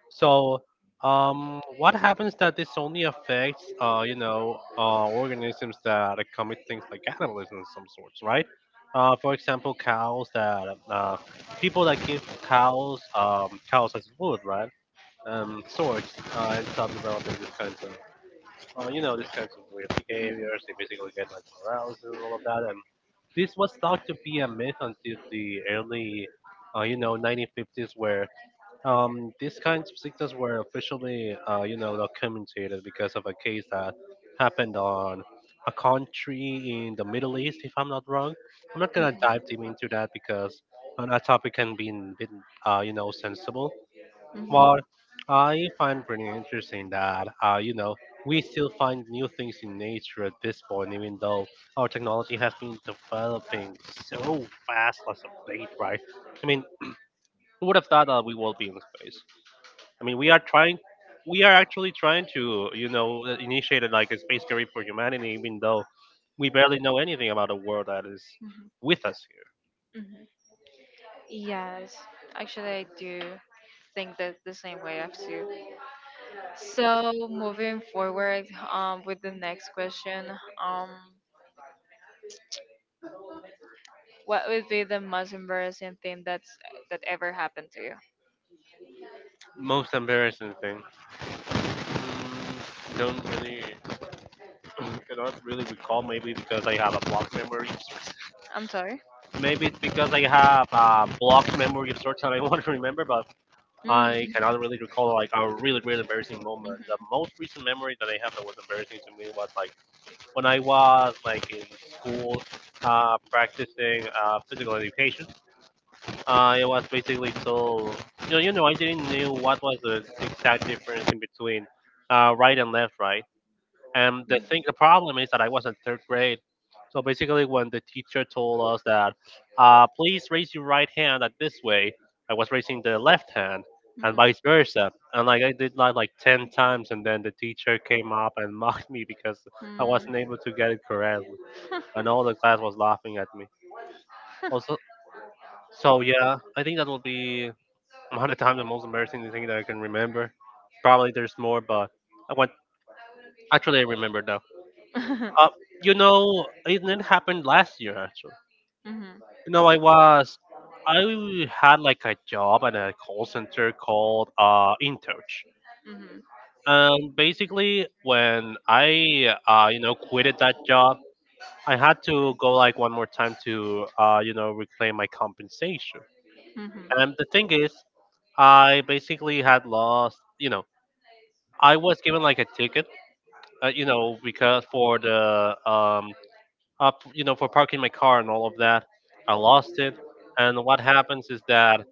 Speaker 2: So, what happens that this only affects, you know, organisms that commit things like cannibalism of some sorts, right? For example, cows that people that give cows cows as food, right? Sorts and start developing these kinds of, you know, these kinds of weird behaviors. They basically get like morals and all of that. And this was thought to be a myth until the early, 1950s, where these kinds of sickness were officially, documented because of a case that happened on a country in the Middle East, if I'm not wrong. I'm not gonna dive deep into that because that topic can be, bit, sensible.
Speaker 1: Mhm.
Speaker 2: But I find pretty interesting that, we still find new things in nature at this point, even though our technology has been developing so fast as of late, right? I mean, who would have thought that we will be in space? I mean, we are trying, we are actually trying to, initiate a, like a space career for humanity, even though we barely know anything about the world that is
Speaker 1: Mhm.
Speaker 2: with us here.
Speaker 1: Mhm. Yes, actually, I do think that the same way as you. So, moving forward with the next question, um, what would be the most embarrassing thing that's that ever happened to you?
Speaker 2: Most embarrassing thing. Mm, don't really, cannot really recall. Maybe because I have a blocked memory.
Speaker 1: I'm sorry.
Speaker 2: Maybe it's because I have a blocked memory of sorts that I want to remember, but
Speaker 1: Mm.
Speaker 2: I cannot really recall like a really, really embarrassing moment. The
Speaker 1: Mhm.
Speaker 2: most recent memory that I have that was embarrassing to me was like when I was like in school practicing physical education. It was basically so you know I didn't know what was the exact difference in between right and left, right. And the thing, the problem is that I was in third grade. So basically, when the teacher told us that, please raise your right
Speaker 1: Mhm.
Speaker 2: hand at this way, I was raising the left hand, and
Speaker 1: Mhm.
Speaker 2: vice versa. And like I did that like ten times, and then the teacher came up and mocked me because I
Speaker 1: Mm.
Speaker 2: wasn't able to get it correctly, and all the class was laughing at me.
Speaker 1: Mhm. You know,
Speaker 2: Also, so yeah, I think that will be one of the times the most embarrassing thing that I can remember. Probably there's more, but I want actually I remember now. Uh, it happened last year actually.
Speaker 1: Mhm.
Speaker 2: You know, I was I had like a job at a call center called InTouch.
Speaker 1: Mhm. Mhm.
Speaker 2: And basically, when I quitted that job, I had to go like one more time to reclaim my compensation. And the thing is, I basically had lost. You know, I was given like a ticket. Because for the um for parking my car and all of that. I lost it, and what happens is that,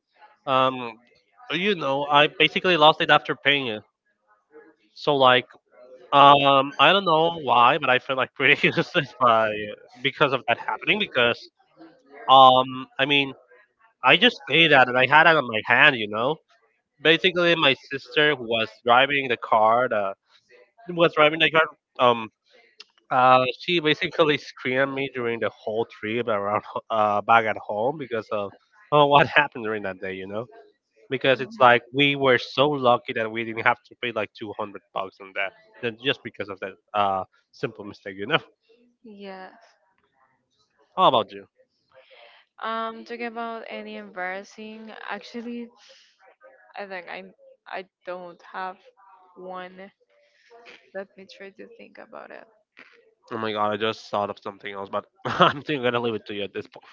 Speaker 2: um, I basically lost it after paying it. So like, I don't know why, but I feel like pretty useless by because of that happening. Because, I mean, I just paid that, and I had it on my hand, you know. Basically, my sister who was driving the car, the, was driving the car, um, she basically screamed at me during the whole trip around back at home because of oh, what happened during that day, you know? Because it's like we were so lucky that we didn't have to pay like
Speaker 1: Like.
Speaker 2: 200 bucks on that, that just because of that simple mistake, you know?
Speaker 1: Yes.
Speaker 2: How about you?
Speaker 1: Talking about any embarrassing, actually, I think I don't have one. Let me try to think about it.
Speaker 2: Oh my god, I just thought of something else, but I'm think gonna leave it to you at this point.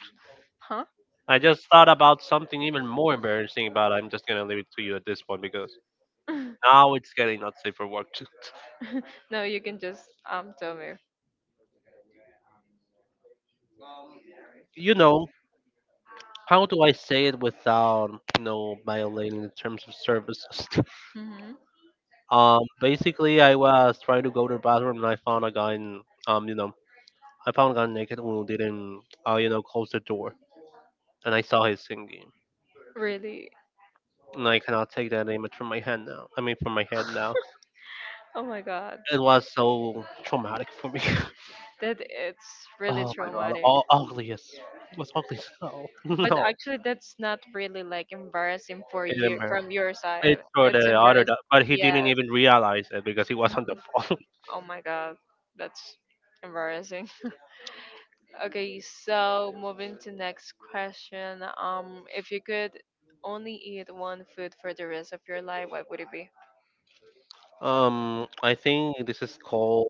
Speaker 1: Huh?
Speaker 2: I just thought about something even more embarrassing, but I'm just gonna leave it to you at this point because now it's getting not safe for work.
Speaker 1: No, you can just tell me.
Speaker 2: You know, how do I say it without violating the terms of services?
Speaker 1: Hmm.
Speaker 2: Basically, I was trying to go to the bathroom and I found a guy. In, um, you know, I found a guy naked who didn't close the door, and I saw his singing.
Speaker 1: Really?
Speaker 2: And I cannot take that image from my head now. I mean, from my head now.
Speaker 1: Oh my god.
Speaker 2: It was so traumatic for me.
Speaker 1: That it's really
Speaker 2: Oh my god,
Speaker 1: traumatic.
Speaker 2: all ugliest. It was ugly as hell.
Speaker 1: But
Speaker 2: No,
Speaker 1: actually that's not really like embarrassing for
Speaker 2: it
Speaker 1: you
Speaker 2: embarrassed.
Speaker 1: from your
Speaker 2: It's
Speaker 1: side.
Speaker 2: for
Speaker 1: It's
Speaker 2: the other,
Speaker 1: embarrassing.
Speaker 2: but he didn't
Speaker 1: Yes.
Speaker 2: even realize it because he was on the
Speaker 1: Hmm.
Speaker 2: phone.
Speaker 1: Oh my god. That's embarrassing. Okay, so moving to next question. If you could only eat one food for the rest of your life, what would it be?
Speaker 2: I think this is called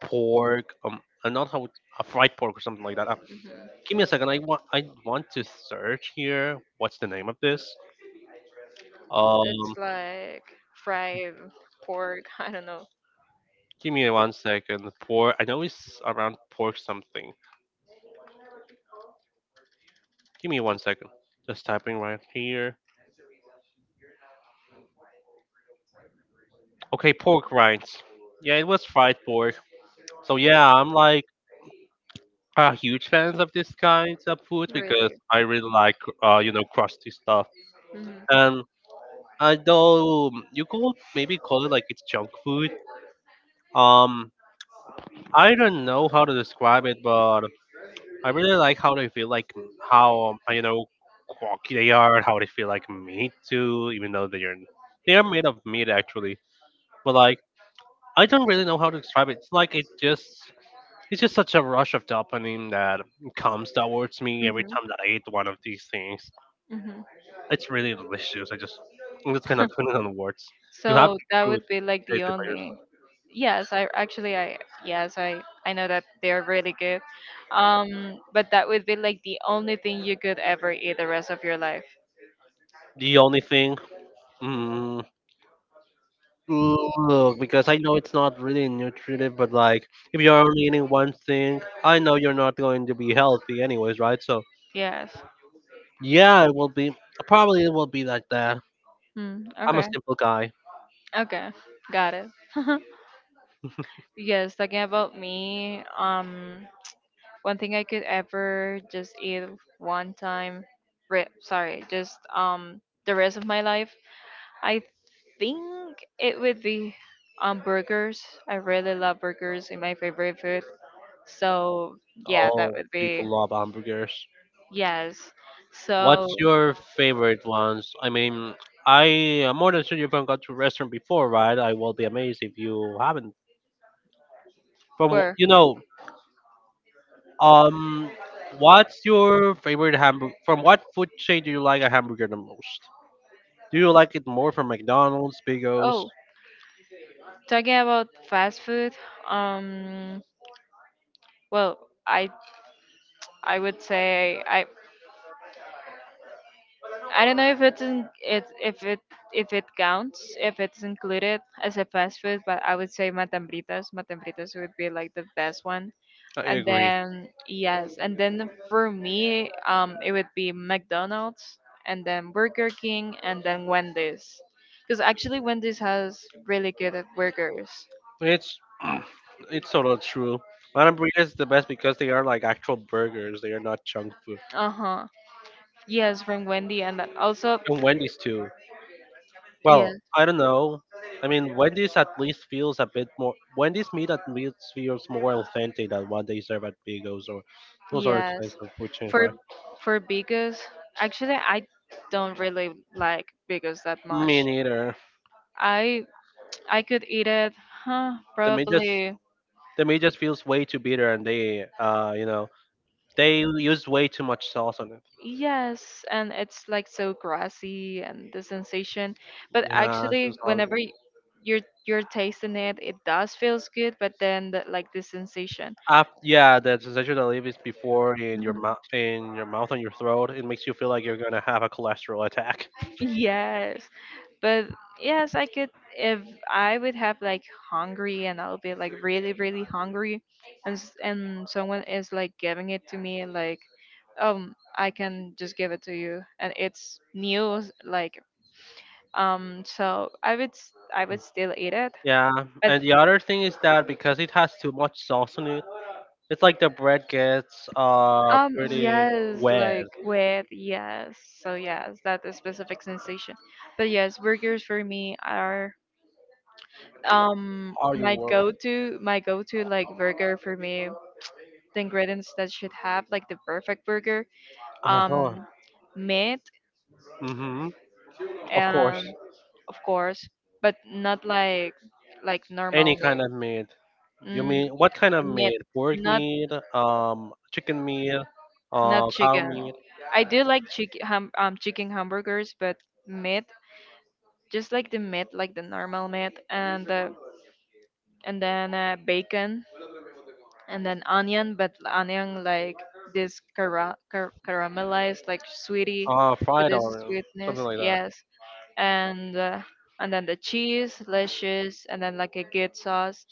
Speaker 2: pork. Not a fried pork or something like that.
Speaker 1: Hmm
Speaker 2: Give me a second. I want to search here. What's the name of this?
Speaker 1: It's
Speaker 2: Um,
Speaker 1: like fried pork. I don't know.
Speaker 2: give me 1 second. Pork. I know it's around pork something. Give me 1 second. Just typing right here. Okay, pork rinds. Yeah, it was fried pork. So yeah, I'm like a huge fans of this kind of food because
Speaker 1: Really.
Speaker 2: I really like crusty stuff.
Speaker 1: Hmm
Speaker 2: And. Although you could maybe call it like it's junk food. Um, I don't know how to describe it, but I really like how they feel like how quirky they are, and how they feel like meat too, even though they are made of meat actually. But like I don't really know how to describe it. It's like it's just such a rush of dopamine that comes towards me every
Speaker 1: hmm
Speaker 2: time that I eat one of these things.
Speaker 1: hmm
Speaker 2: It's really delicious. I just cannot put it on words. You have
Speaker 1: So
Speaker 2: to
Speaker 1: that
Speaker 2: truly
Speaker 1: would be like
Speaker 2: taste
Speaker 1: the
Speaker 2: it by
Speaker 1: only.
Speaker 2: yourself.
Speaker 1: Yes, I yes I know that they're really good. But that would be like the only thing you could ever eat the rest of your life.
Speaker 2: The only thing, mm, look, because I know it's not really nutritive, but like if you're only eating one thing, I know you're not going to be healthy anyways, right? So
Speaker 1: Yes.
Speaker 2: yeah, it will be probably it will be like that.
Speaker 1: Mm,
Speaker 2: I'm a
Speaker 1: okay.
Speaker 2: simple guy.
Speaker 1: Okay. Got it. Yes, talking about me, um, one thing I could ever just eat one time sorry, just the rest of my life, I think it would be burgers. I really love burgers in my favorite food. So, yeah, that
Speaker 2: All
Speaker 1: would be
Speaker 2: people love hamburgers.
Speaker 1: yes. So,
Speaker 2: What's your favorite ones? I mean, I am more than sure you've gone to a restaurant before, right? I will be amazed if you haven't. From wh-
Speaker 1: where?
Speaker 2: you know, Um, what's your favorite hamburger? From what food chain do you like a hamburger the most? Do you like it more from McDonald's, Big O's?
Speaker 1: Oh, talking about fast food, um well, I I would say I don't know if it's in, it if it if it counts if it's included as a fast food, but I would say matambritas. Matambritas would be like the best one.
Speaker 2: I
Speaker 1: And
Speaker 2: agree.
Speaker 1: then yes, and then for me, it would be McDonald's and then Burger King and then Wendy's, because actually Wendy's has really good burgers.
Speaker 2: It's it's sort of true. My hamburger is the best because they are like actual burgers. They are not junk food.
Speaker 1: Uh huh. Yes, from Wendy and also
Speaker 2: And Wendy's too.
Speaker 1: yes.
Speaker 2: Well, I don't know. I mean, Wendy's at least feels a bit more. Wendy's meat at least feels more authentic than what they serve at Big O's or those other kinds
Speaker 1: Yes.
Speaker 2: of food chains,
Speaker 1: For
Speaker 2: right?
Speaker 1: for Bigos, actually I don't really like Bigos that much.
Speaker 2: Me neither.
Speaker 1: I I could eat it, huh,
Speaker 2: The meat just
Speaker 1: probably.
Speaker 2: the meat just feels way too bitter, and they, they use way too much sauce on it.
Speaker 1: Yes, and it's like so grassy and the sensation. But
Speaker 2: Yeah, it feels
Speaker 1: actually
Speaker 2: horrible.
Speaker 1: you're tasting it, it does feels good, but then the, like the sensation.
Speaker 2: Af yeah, the sensation that leaves before
Speaker 1: Mhm.
Speaker 2: in your mouth and your throat, it makes you feel like you're gonna have a cholesterol attack.
Speaker 1: Yes. But yes, I could if I would have like hungry and I'll be like really really hungry and and someone is like giving it to me like I can just give it to you and it's new like um, so I would still eat it.
Speaker 2: Yeah,
Speaker 1: But
Speaker 2: and the other thing is that because it has too much sauce on it, it's like the bread gets
Speaker 1: um,
Speaker 2: pretty
Speaker 1: yes,
Speaker 2: wet.
Speaker 1: like with yes. So yes, that is specific sensation. But yes, burgers for me are
Speaker 2: Are you
Speaker 1: my
Speaker 2: were?
Speaker 1: go to, my go to like burger for me, the ingredients that should have like the perfect burger,
Speaker 2: Uh huh.
Speaker 1: um, meat,
Speaker 2: Mhm. Of course.
Speaker 1: and of course, but not like like
Speaker 2: Any
Speaker 1: normal
Speaker 2: kind
Speaker 1: meat.
Speaker 2: of meat. You mean
Speaker 1: Mm,
Speaker 2: what
Speaker 1: yeah,
Speaker 2: kind of
Speaker 1: like meat,
Speaker 2: meat? Pork
Speaker 1: not
Speaker 2: meat, chicken meat,
Speaker 1: not
Speaker 2: cow
Speaker 1: chicken.
Speaker 2: meat,
Speaker 1: I do like chicken hamburgers, but meat, just like the meat like the normal meat, and the and then bacon, and then onion, but onion like this caramelized like sweetie with
Speaker 2: fried
Speaker 1: this is
Speaker 2: or
Speaker 1: sweetness,
Speaker 2: something like that.
Speaker 1: yes. And and then the cheese, lashes, and then like a good sauce,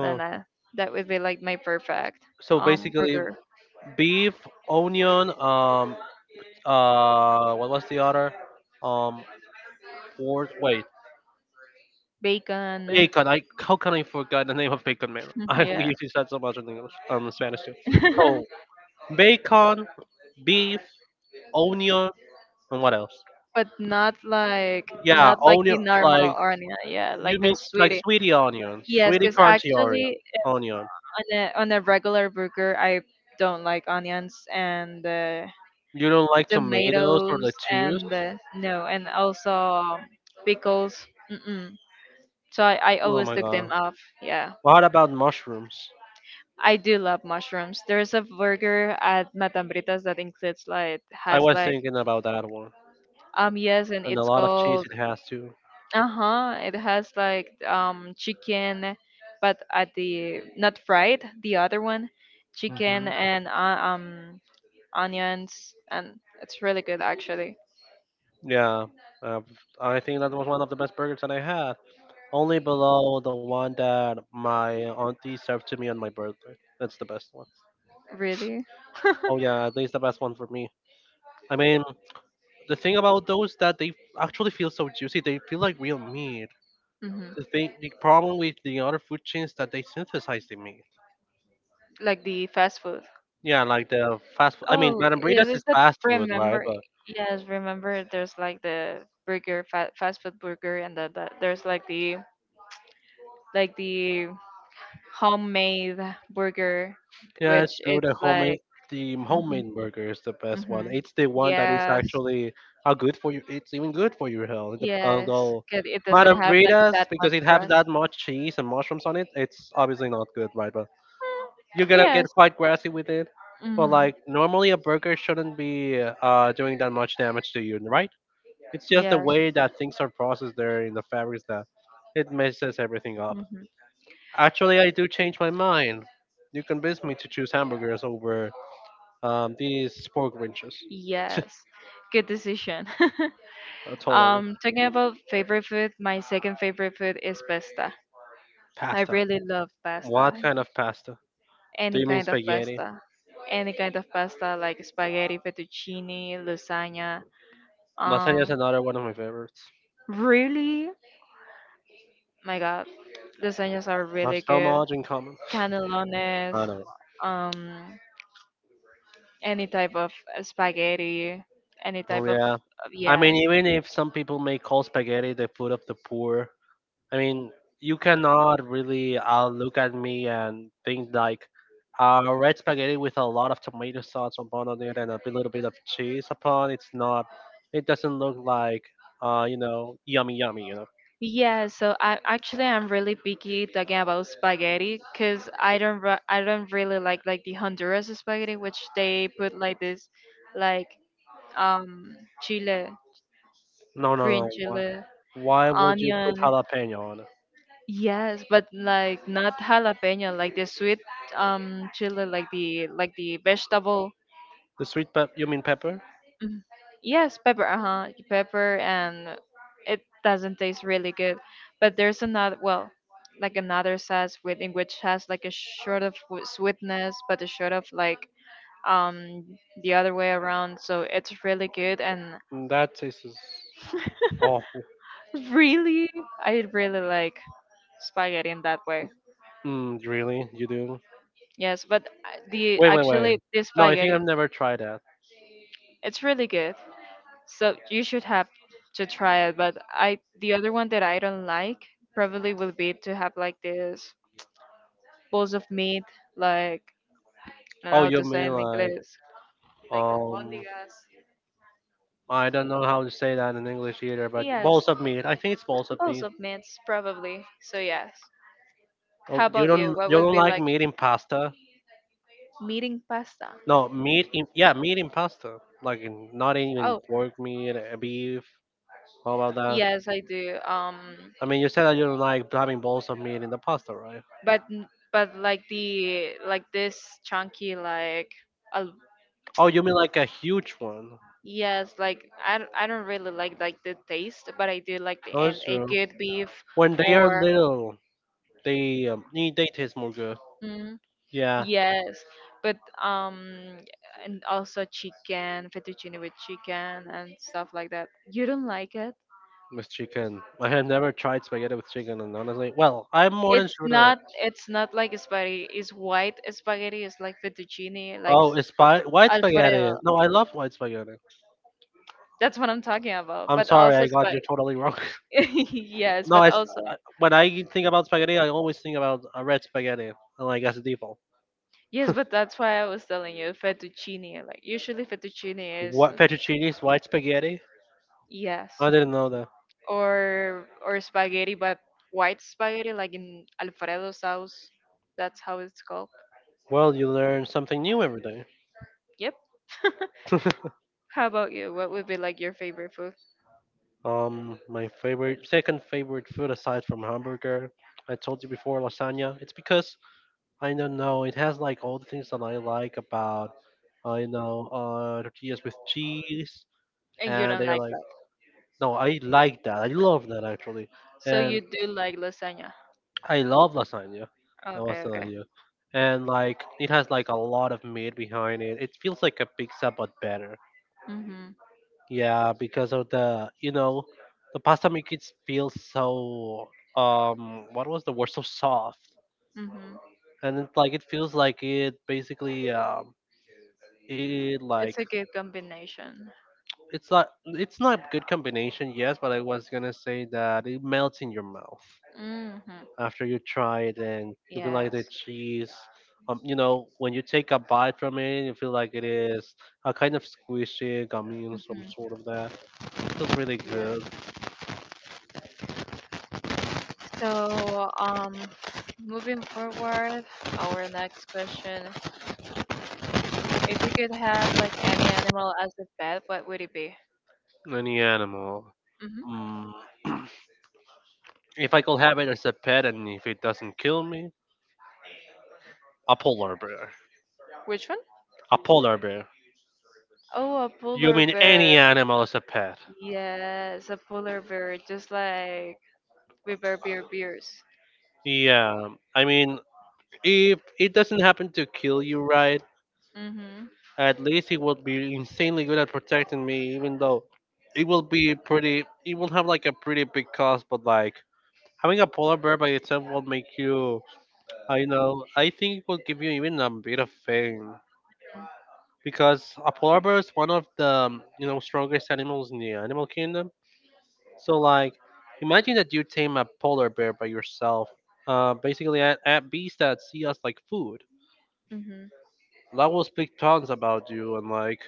Speaker 1: and then that would be like my perfect
Speaker 2: So
Speaker 1: um,
Speaker 2: basically,
Speaker 1: burger.
Speaker 2: beef, onion, what was the other? Um, pork. Wait,
Speaker 1: Bacon,
Speaker 2: bacon. I how can I forget the name of bacon, man?
Speaker 1: mm,
Speaker 2: I we
Speaker 1: yeah.
Speaker 2: usually said so much in English, Spanish too. Oh, bacon, beef, onion, and what else?
Speaker 1: But not like
Speaker 2: Yeah,
Speaker 1: not like
Speaker 2: onion,
Speaker 1: the
Speaker 2: like
Speaker 1: normal onion, yeah,
Speaker 2: you
Speaker 1: like the
Speaker 2: mean like
Speaker 1: sweetie.
Speaker 2: sweetie onion,
Speaker 1: Yes,
Speaker 2: sweetie
Speaker 1: because
Speaker 2: crunchy onion,
Speaker 1: actually
Speaker 2: onion.
Speaker 1: on a regular burger, I don't like onions and
Speaker 2: You don't like tomatoes or
Speaker 1: tomatoes
Speaker 2: lettuce?
Speaker 1: and no, and also pickles. Mm-mm. So I
Speaker 2: Oh
Speaker 1: always
Speaker 2: my
Speaker 1: took them
Speaker 2: god.
Speaker 1: off. Yeah.
Speaker 2: What about mushrooms?
Speaker 1: I do love mushrooms. There's a burger at Matambritas that includes like
Speaker 2: I
Speaker 1: has
Speaker 2: was
Speaker 1: like
Speaker 2: thinking about that one.
Speaker 1: um, yes, and
Speaker 2: And a
Speaker 1: it's
Speaker 2: lot of cheese
Speaker 1: called
Speaker 2: it has too.
Speaker 1: uh-huh, it has like um, chicken, but at the not fried the other one, chicken
Speaker 2: Hmm.
Speaker 1: and um, onions, and it's really good actually.
Speaker 2: Yeah, uh, I think that was one of the best burgers that I had. Only below the one that my auntie served to me on my birthday. That's the best one.
Speaker 1: Really?
Speaker 2: Oh yeah, at least the best one for me. I mean, the thing about those that they actually feel so juicy, they feel like real meat.
Speaker 1: Mhm.
Speaker 2: The thing, the problem with the other food chains that they synthesize the meat.
Speaker 1: Like the fast food.
Speaker 2: Yeah, like the fast. Food. I mean,
Speaker 1: Oh,
Speaker 2: Madame
Speaker 1: yes,
Speaker 2: Bredas is
Speaker 1: it's the
Speaker 2: fast food, right?
Speaker 1: remember.
Speaker 2: But
Speaker 1: Yes, remember there's like the burger, fa fast food burger, and there's like the homemade burger,
Speaker 2: yeah, it's
Speaker 1: which
Speaker 2: true.
Speaker 1: it's like
Speaker 2: The
Speaker 1: hmm
Speaker 2: homemade burger is the best one.
Speaker 1: hmm
Speaker 2: It's the one that is
Speaker 1: yes,
Speaker 2: actually good for you. It's even good for your health. The-
Speaker 1: yes,
Speaker 2: although
Speaker 1: 'cause it doesn't
Speaker 2: Madame
Speaker 1: have like
Speaker 2: Bredas,
Speaker 1: that much
Speaker 2: because it has
Speaker 1: crust.
Speaker 2: that much cheese and mushrooms on it, it's obviously not good, right? But you're
Speaker 1: Mm,
Speaker 2: gonna get
Speaker 1: yes,
Speaker 2: quite grassy with it. But
Speaker 1: hmm
Speaker 2: like normally, a burger shouldn't be doing that much damage to you, right? It's just the
Speaker 1: yes,
Speaker 2: way that things are processed there in the fabrics that it messes everything up.
Speaker 1: hmm
Speaker 2: Actually, I do change my mind. You convinced me to choose hamburgers over these pork rinches.
Speaker 1: yes, good decision.
Speaker 2: Totally.
Speaker 1: Talking about favorite food, my second favorite food is pasta. I
Speaker 2: Pasta.
Speaker 1: really love pasta.
Speaker 2: What kind of pasta? Do
Speaker 1: Any
Speaker 2: you mean
Speaker 1: kind of
Speaker 2: spaghetti?
Speaker 1: pasta. Any kind of pasta like spaghetti, fettuccine, lasagna.
Speaker 2: Lasagna is
Speaker 1: Um,
Speaker 2: another one of my favorites.
Speaker 1: really? My God, lasagnas are
Speaker 2: I have
Speaker 1: really
Speaker 2: so
Speaker 1: good.
Speaker 2: much in common. I
Speaker 1: Canelones,
Speaker 2: don't know.
Speaker 1: um, any type of spaghetti, any
Speaker 2: Oh,
Speaker 1: type of,
Speaker 2: yeah. I mean,
Speaker 1: yes.
Speaker 2: even if some people may call spaghetti the food of the poor, I mean, you cannot really look at me and think like red spaghetti with a lot of tomato sauce upon on it and a little bit of cheese upon. It's not. It doesn't look like yummy, yummy. You know.
Speaker 1: Yeah, so I'm really picky talking about spaghetti because I don't really like the Honduras spaghetti which they put like this like um, chile,
Speaker 2: No, no,
Speaker 1: green
Speaker 2: no. Why?
Speaker 1: chile,
Speaker 2: Why would you put
Speaker 1: onion.
Speaker 2: jalapeno on it?
Speaker 1: Yes, but like not jalapeno, like the sweet um, chili, like the vegetable.
Speaker 2: The sweet pep? You mean pepper?
Speaker 1: Mhm. Yes, pepper, uh-huh, pepper, and it doesn't taste really good. But there's another, well, like another sauce with in which has like a short of sweetness, but a short of like um, the other way around. So it's really good, and
Speaker 2: Mm, that tastes awful.
Speaker 1: really, I really like spaghetti in that way.
Speaker 2: Mm, really? You do?
Speaker 1: Yes, but the
Speaker 2: Wait, wait, wait.
Speaker 1: actually the
Speaker 2: No, I think
Speaker 1: spaghetti,
Speaker 2: I've never tried that.
Speaker 1: it's really good. So you should have to try it. But I the other one that I don't like probably will be to have like this balls of meat, like I don't know
Speaker 2: Oh,
Speaker 1: how
Speaker 2: you
Speaker 1: to say
Speaker 2: mean
Speaker 1: it in
Speaker 2: like
Speaker 1: English, like
Speaker 2: um
Speaker 1: albóndigas.
Speaker 2: I don't know how to say that in English either, but
Speaker 1: Yes,
Speaker 2: balls of meat. I think it's balls of
Speaker 1: balls
Speaker 2: meat.
Speaker 1: of meats probably. So yes.
Speaker 2: Oh,
Speaker 1: How
Speaker 2: you
Speaker 1: about you?
Speaker 2: don't
Speaker 1: What
Speaker 2: you
Speaker 1: would
Speaker 2: don't
Speaker 1: be
Speaker 2: like
Speaker 1: like
Speaker 2: meat in pasta?
Speaker 1: meeting pasta?
Speaker 2: No, meat in yeah, meat in pasta. Like in, not even
Speaker 1: Oh
Speaker 2: pork meat, beef. How about that?
Speaker 1: yes, I do.
Speaker 2: I mean, you said that you don't like having balls of meat in the pasta, right?
Speaker 1: But but like the like this chunky like al.
Speaker 2: Oh, you mean like a huge one?
Speaker 1: Yes, like I don't really like the taste, but I do like the
Speaker 2: Oh,
Speaker 1: and
Speaker 2: that's
Speaker 1: a
Speaker 2: true.
Speaker 1: good beef
Speaker 2: When they are
Speaker 1: or
Speaker 2: little, they they taste more good.
Speaker 1: mm,
Speaker 2: Yeah,
Speaker 1: yes, but um, and also chicken, fettuccine with chicken and stuff like that. You don't like it?
Speaker 2: with chicken. I have never tried spaghetti with chicken, and honestly, well, I'm more than
Speaker 1: It's
Speaker 2: sure that.
Speaker 1: not like spaghetti. It's white spaghetti. It's like fettuccine, like
Speaker 2: Oh, it's spi- white spaghetti.
Speaker 1: alfredo.
Speaker 2: No, I love white spaghetti.
Speaker 1: That's what I'm talking about.
Speaker 2: I'm
Speaker 1: But
Speaker 2: sorry,
Speaker 1: also
Speaker 2: I got
Speaker 1: spa.
Speaker 2: you totally wrong.
Speaker 1: Yes,
Speaker 2: No,
Speaker 1: but
Speaker 2: it's,
Speaker 1: also.
Speaker 2: I- when I think about spaghetti, I always think about a red spaghetti, like as a default.
Speaker 1: Yes, but that's why I was telling you fettuccine. Like usually fettuccine is
Speaker 2: What fettuccine? White spaghetti?
Speaker 1: yes,
Speaker 2: I didn't know that.
Speaker 1: or spaghetti, but white spaghetti, like in Alfredo sauce. That's how it's called.
Speaker 2: Well, you learn something new every day.
Speaker 1: Yep. How about you? What would be like your favorite food?
Speaker 2: My favorite, second favorite food aside from hamburger, I told you before, lasagna. It's because I don't know, it has like all the things that I like about, tortillas with cheese,
Speaker 1: And you
Speaker 2: and
Speaker 1: don't
Speaker 2: they're
Speaker 1: like
Speaker 2: like,
Speaker 1: that,
Speaker 2: no, I like that. I love that actually,
Speaker 1: so you
Speaker 2: and
Speaker 1: do like lasagna.
Speaker 2: I love lasagna. I love
Speaker 1: Okay, okay.
Speaker 2: lasagna. And like it has like a lot of meat behind it. It feels like a pizza but better. Yeah, because of the the pasta makes it feel so what was the word so soft. And it's like it feels like it basically it like it's not a good combination, yes, but I was gonna say that it melts in your mouth after you try it, and you feel like the cheese, you know, when you take a bite from it, you feel like it is a kind of squishy, gummy and some sort of that. It's really good.
Speaker 1: So, moving forward, our next question: if you could have like any animal as a pet, what would it be?
Speaker 2: Any animal,
Speaker 1: Hmm
Speaker 2: mm. If I could have it as a pet and if it doesn't kill me, a polar bear.
Speaker 1: Which one?
Speaker 2: A polar bear.
Speaker 1: Oh, a
Speaker 2: You
Speaker 1: polar
Speaker 2: mean
Speaker 1: bear.
Speaker 2: any animal as a pet.
Speaker 1: Yes, a polar bear, just like we bears.
Speaker 2: Yeah, I mean, if it doesn't happen to kill you, right?
Speaker 1: Mm-hmm.
Speaker 2: At least it would be insanely good at protecting me, even though it will be pretty. It will have like a pretty big cost, but like having a polar bear by itself will make you. I know. I think it will give you even a bit of fame because a polar bear is one of the you know, strongest animals in the animal kingdom. So like, imagine that you tame a polar bear by yourself. Basically, at beasts that see us like food.
Speaker 1: Mm-hmm.
Speaker 2: That will speak tons about you and like.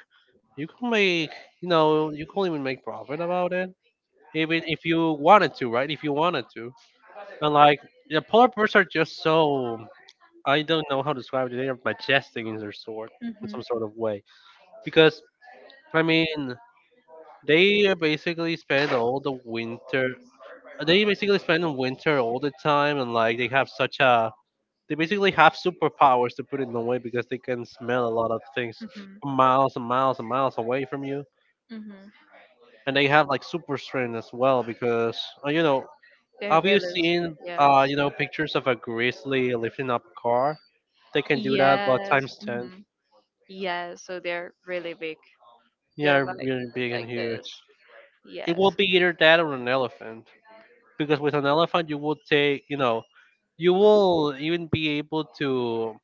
Speaker 2: You can make, you know, you can even make profit about it, even if you wanted to, right? If you wanted to, and like the polar bears are just so, I don't know how to describe it. They are majestic in their sort, in
Speaker 1: Mm-hmm.
Speaker 2: some sort of way, because I mean they basically spend all the winter. They basically spend the winter all the time, and like they have such a. They basically have superpowers to put it in a way, because they can smell a lot of things
Speaker 1: Mm-hmm.
Speaker 2: miles and miles and miles away from you,
Speaker 1: Mm-hmm.
Speaker 2: and they have like super strength as well, because uh, you know
Speaker 1: They're
Speaker 2: have you
Speaker 1: really
Speaker 2: seen
Speaker 1: yes.
Speaker 2: pictures of a grizzly lifting up a car? They can do that but
Speaker 1: Yes.
Speaker 2: times 10.
Speaker 1: Mm-hmm. Yes. So they're really big. They're
Speaker 2: Yeah, really big and
Speaker 1: like
Speaker 2: huge.
Speaker 1: this.
Speaker 2: It
Speaker 1: Yes.
Speaker 2: will be either that or an elephant, because with an elephant you will take, you know, you will even be able to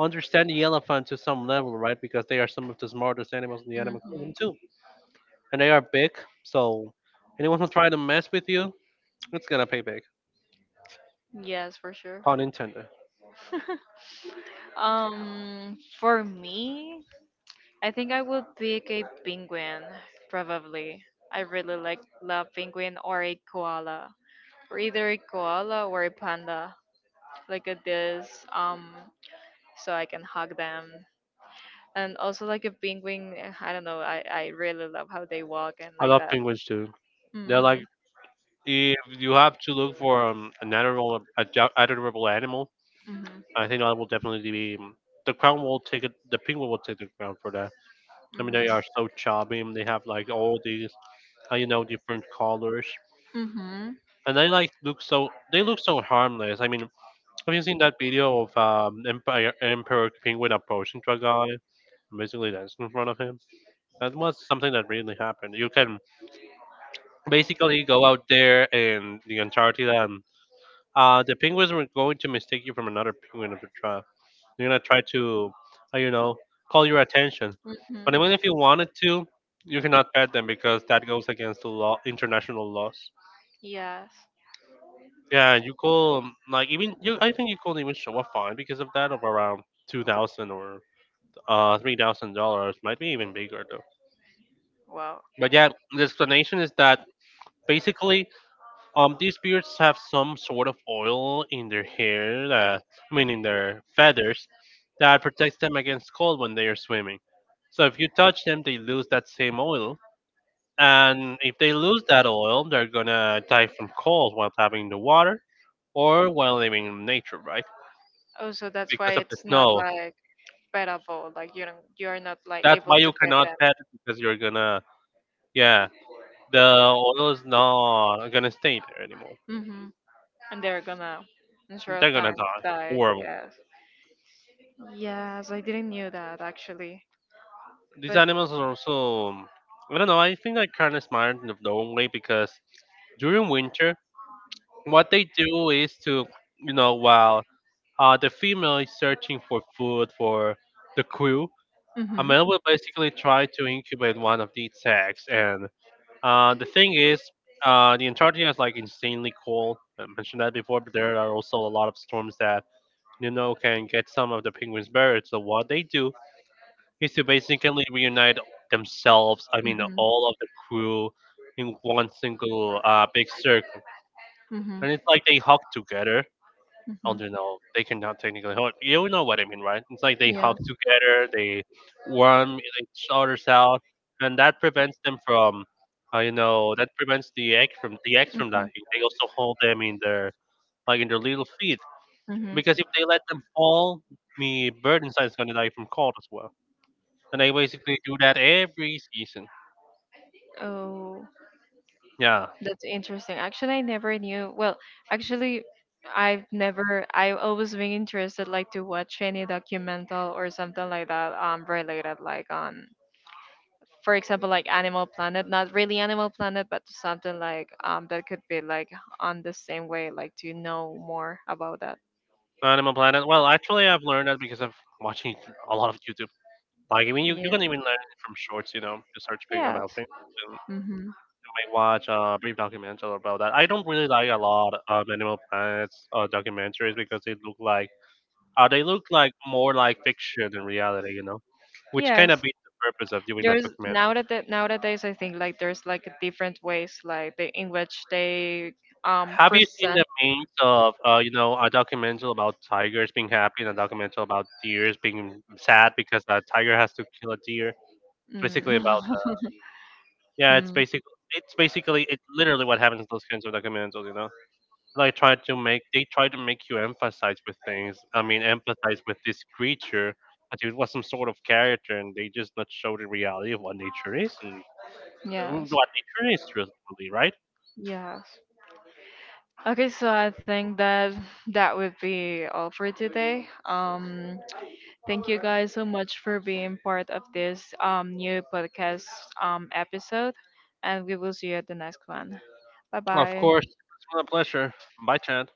Speaker 2: understand the elephant to some level, right? Because they are some of the smartest animals in the
Speaker 1: hmm
Speaker 2: animal kingdom too, and they are big, so anyone who try to mess with you, it's gonna pay big.
Speaker 1: Yes, for sure.
Speaker 2: Pun intended.
Speaker 1: Um, for me, I think I would pick a penguin, probably. I really like love penguin or a koala, or either a koala or a panda, like at this. So I can hug them, and also like a penguin. Eh, I don't know. I really love how they walk and
Speaker 2: I
Speaker 1: like
Speaker 2: love
Speaker 1: that.
Speaker 2: penguins too. They're like,
Speaker 1: Mm-hmm.
Speaker 2: if you have to look for an admirable, admirable animal,
Speaker 1: Mm-hmm.
Speaker 2: I think that will definitely be, the crown will take it. The penguin will take the crown for that. I mean, they are so chubby, and they have like all these, different colors,
Speaker 1: Mm-hmm.
Speaker 2: and they like look so. They look so harmless. I mean, have you seen that video of Emperor Penguin approaching to a guy and basically dancing in front of him? That was something that really happened. You can basically go out there in the Antarctica. The penguins were going to mistake you from another penguin of the tribe. They're gonna try to, uh, you know, call your attention.
Speaker 1: Mm-hmm.
Speaker 2: But even if you wanted to, you cannot pet them because that goes against the law, international laws.
Speaker 1: Yes.
Speaker 2: Yeah, you call like even you. I think you could even show a fine because of that of around 2,000 or $3,000. Might be even bigger though.
Speaker 1: Wow.
Speaker 2: But yeah, the explanation is that basically, these beards have some sort of oil in their hair that, I mean, in their feathers, that protects them against cold when they are swimming. So if you touch them, they lose that same oil, and if they lose that oil, they're gonna die from cold while diving in the water or while living in nature, right?
Speaker 1: Oh, so that's why
Speaker 2: Because of the
Speaker 1: it's not
Speaker 2: snow.
Speaker 1: like bettable. Like you don't, you're not like
Speaker 2: That's
Speaker 1: able
Speaker 2: why you
Speaker 1: to
Speaker 2: cannot
Speaker 1: bet
Speaker 2: pet it, because you're gonna, yeah, the oil is not gonna stay there anymore.
Speaker 1: them. Hmm And they're gonna, in short
Speaker 2: They're
Speaker 1: of
Speaker 2: gonna
Speaker 1: time,
Speaker 2: die.
Speaker 1: die.
Speaker 2: Horrible.
Speaker 1: Yes. Yes, I didn't knew that actually.
Speaker 2: These
Speaker 1: But.
Speaker 2: animals are also, I don't know, I think they're kind of smart in their own way because during winter, what they do is to, you know, while the female is searching for food for the crew, a
Speaker 1: Hmm
Speaker 2: male will basically try to incubate one of these eggs. And uh, the thing is, the Antarctica is like insanely cold. I mentioned that before, but there are also a lot of storms that, you know, can get some of the penguins buried. So what they do is to basically reunite themselves. I mean, all of the crew in one single big circle,
Speaker 1: hmm
Speaker 2: and it's like they hug together.
Speaker 1: hmm
Speaker 2: I
Speaker 1: hmm
Speaker 2: don't know. They cannot technically hug. You know what I mean, right? It's like they hug
Speaker 1: Yes.
Speaker 2: together. They warm each other's out, and that prevents them from, that prevents the eggs from
Speaker 1: hmm
Speaker 2: dying. They also hold them in their like in their little feet,
Speaker 1: hmm
Speaker 2: because if they let them fall, the bird inside is gonna die from cold as well, and I basically do that every season.
Speaker 1: Oh,
Speaker 2: Yeah,
Speaker 1: that's interesting. Actually, I never knew. Well, actually, I've never. I've always been interested, like, to watch any documental or something like that, related, like on, for example, like Animal Planet. Not really Animal Planet, but something like um, that could be like on the same way, like to know more about that.
Speaker 2: Animal Planet. Well, actually, I've learned that because of watching a lot of YouTube. Like, I mean, you
Speaker 1: Yeah.
Speaker 2: can even learn it from shorts, you know, just searching
Speaker 1: Yes.
Speaker 2: about things. And
Speaker 1: Mm-hmm.
Speaker 2: I watch a brief documentary about that. I don't really like a lot of Animal Planet's documentaries because they look like more like fiction than reality, you know, which kind of
Speaker 1: Yes.
Speaker 2: beats the purpose of doing that
Speaker 1: There's
Speaker 2: documentary.
Speaker 1: nowadays I think like there's like different ways like they, in which they um,
Speaker 2: Have you seen
Speaker 1: present.
Speaker 2: the means of a documentary about tigers being happy and a documentary about deers being sad because a tiger has to kill a deer? It's basically
Speaker 1: Mm.
Speaker 2: about the yeah. It's
Speaker 1: Mm.
Speaker 2: basically it's basically it's literally what happens in those kinds of documentaries. You know, like try to make they try to make you emphasize with things. I mean, empathize with this creature as if it was some sort of character, and they just not show the reality of what nature is and
Speaker 1: Yes.
Speaker 2: what nature is truthfully, right?
Speaker 1: Yes. Okay, so I think that would be all for today. Thank you guys so much for being part of this um, new podcast um, episode, and we will see you at the next one. Bye
Speaker 2: Of
Speaker 1: bye.
Speaker 2: course, it's been a pleasure. Bye, Chad.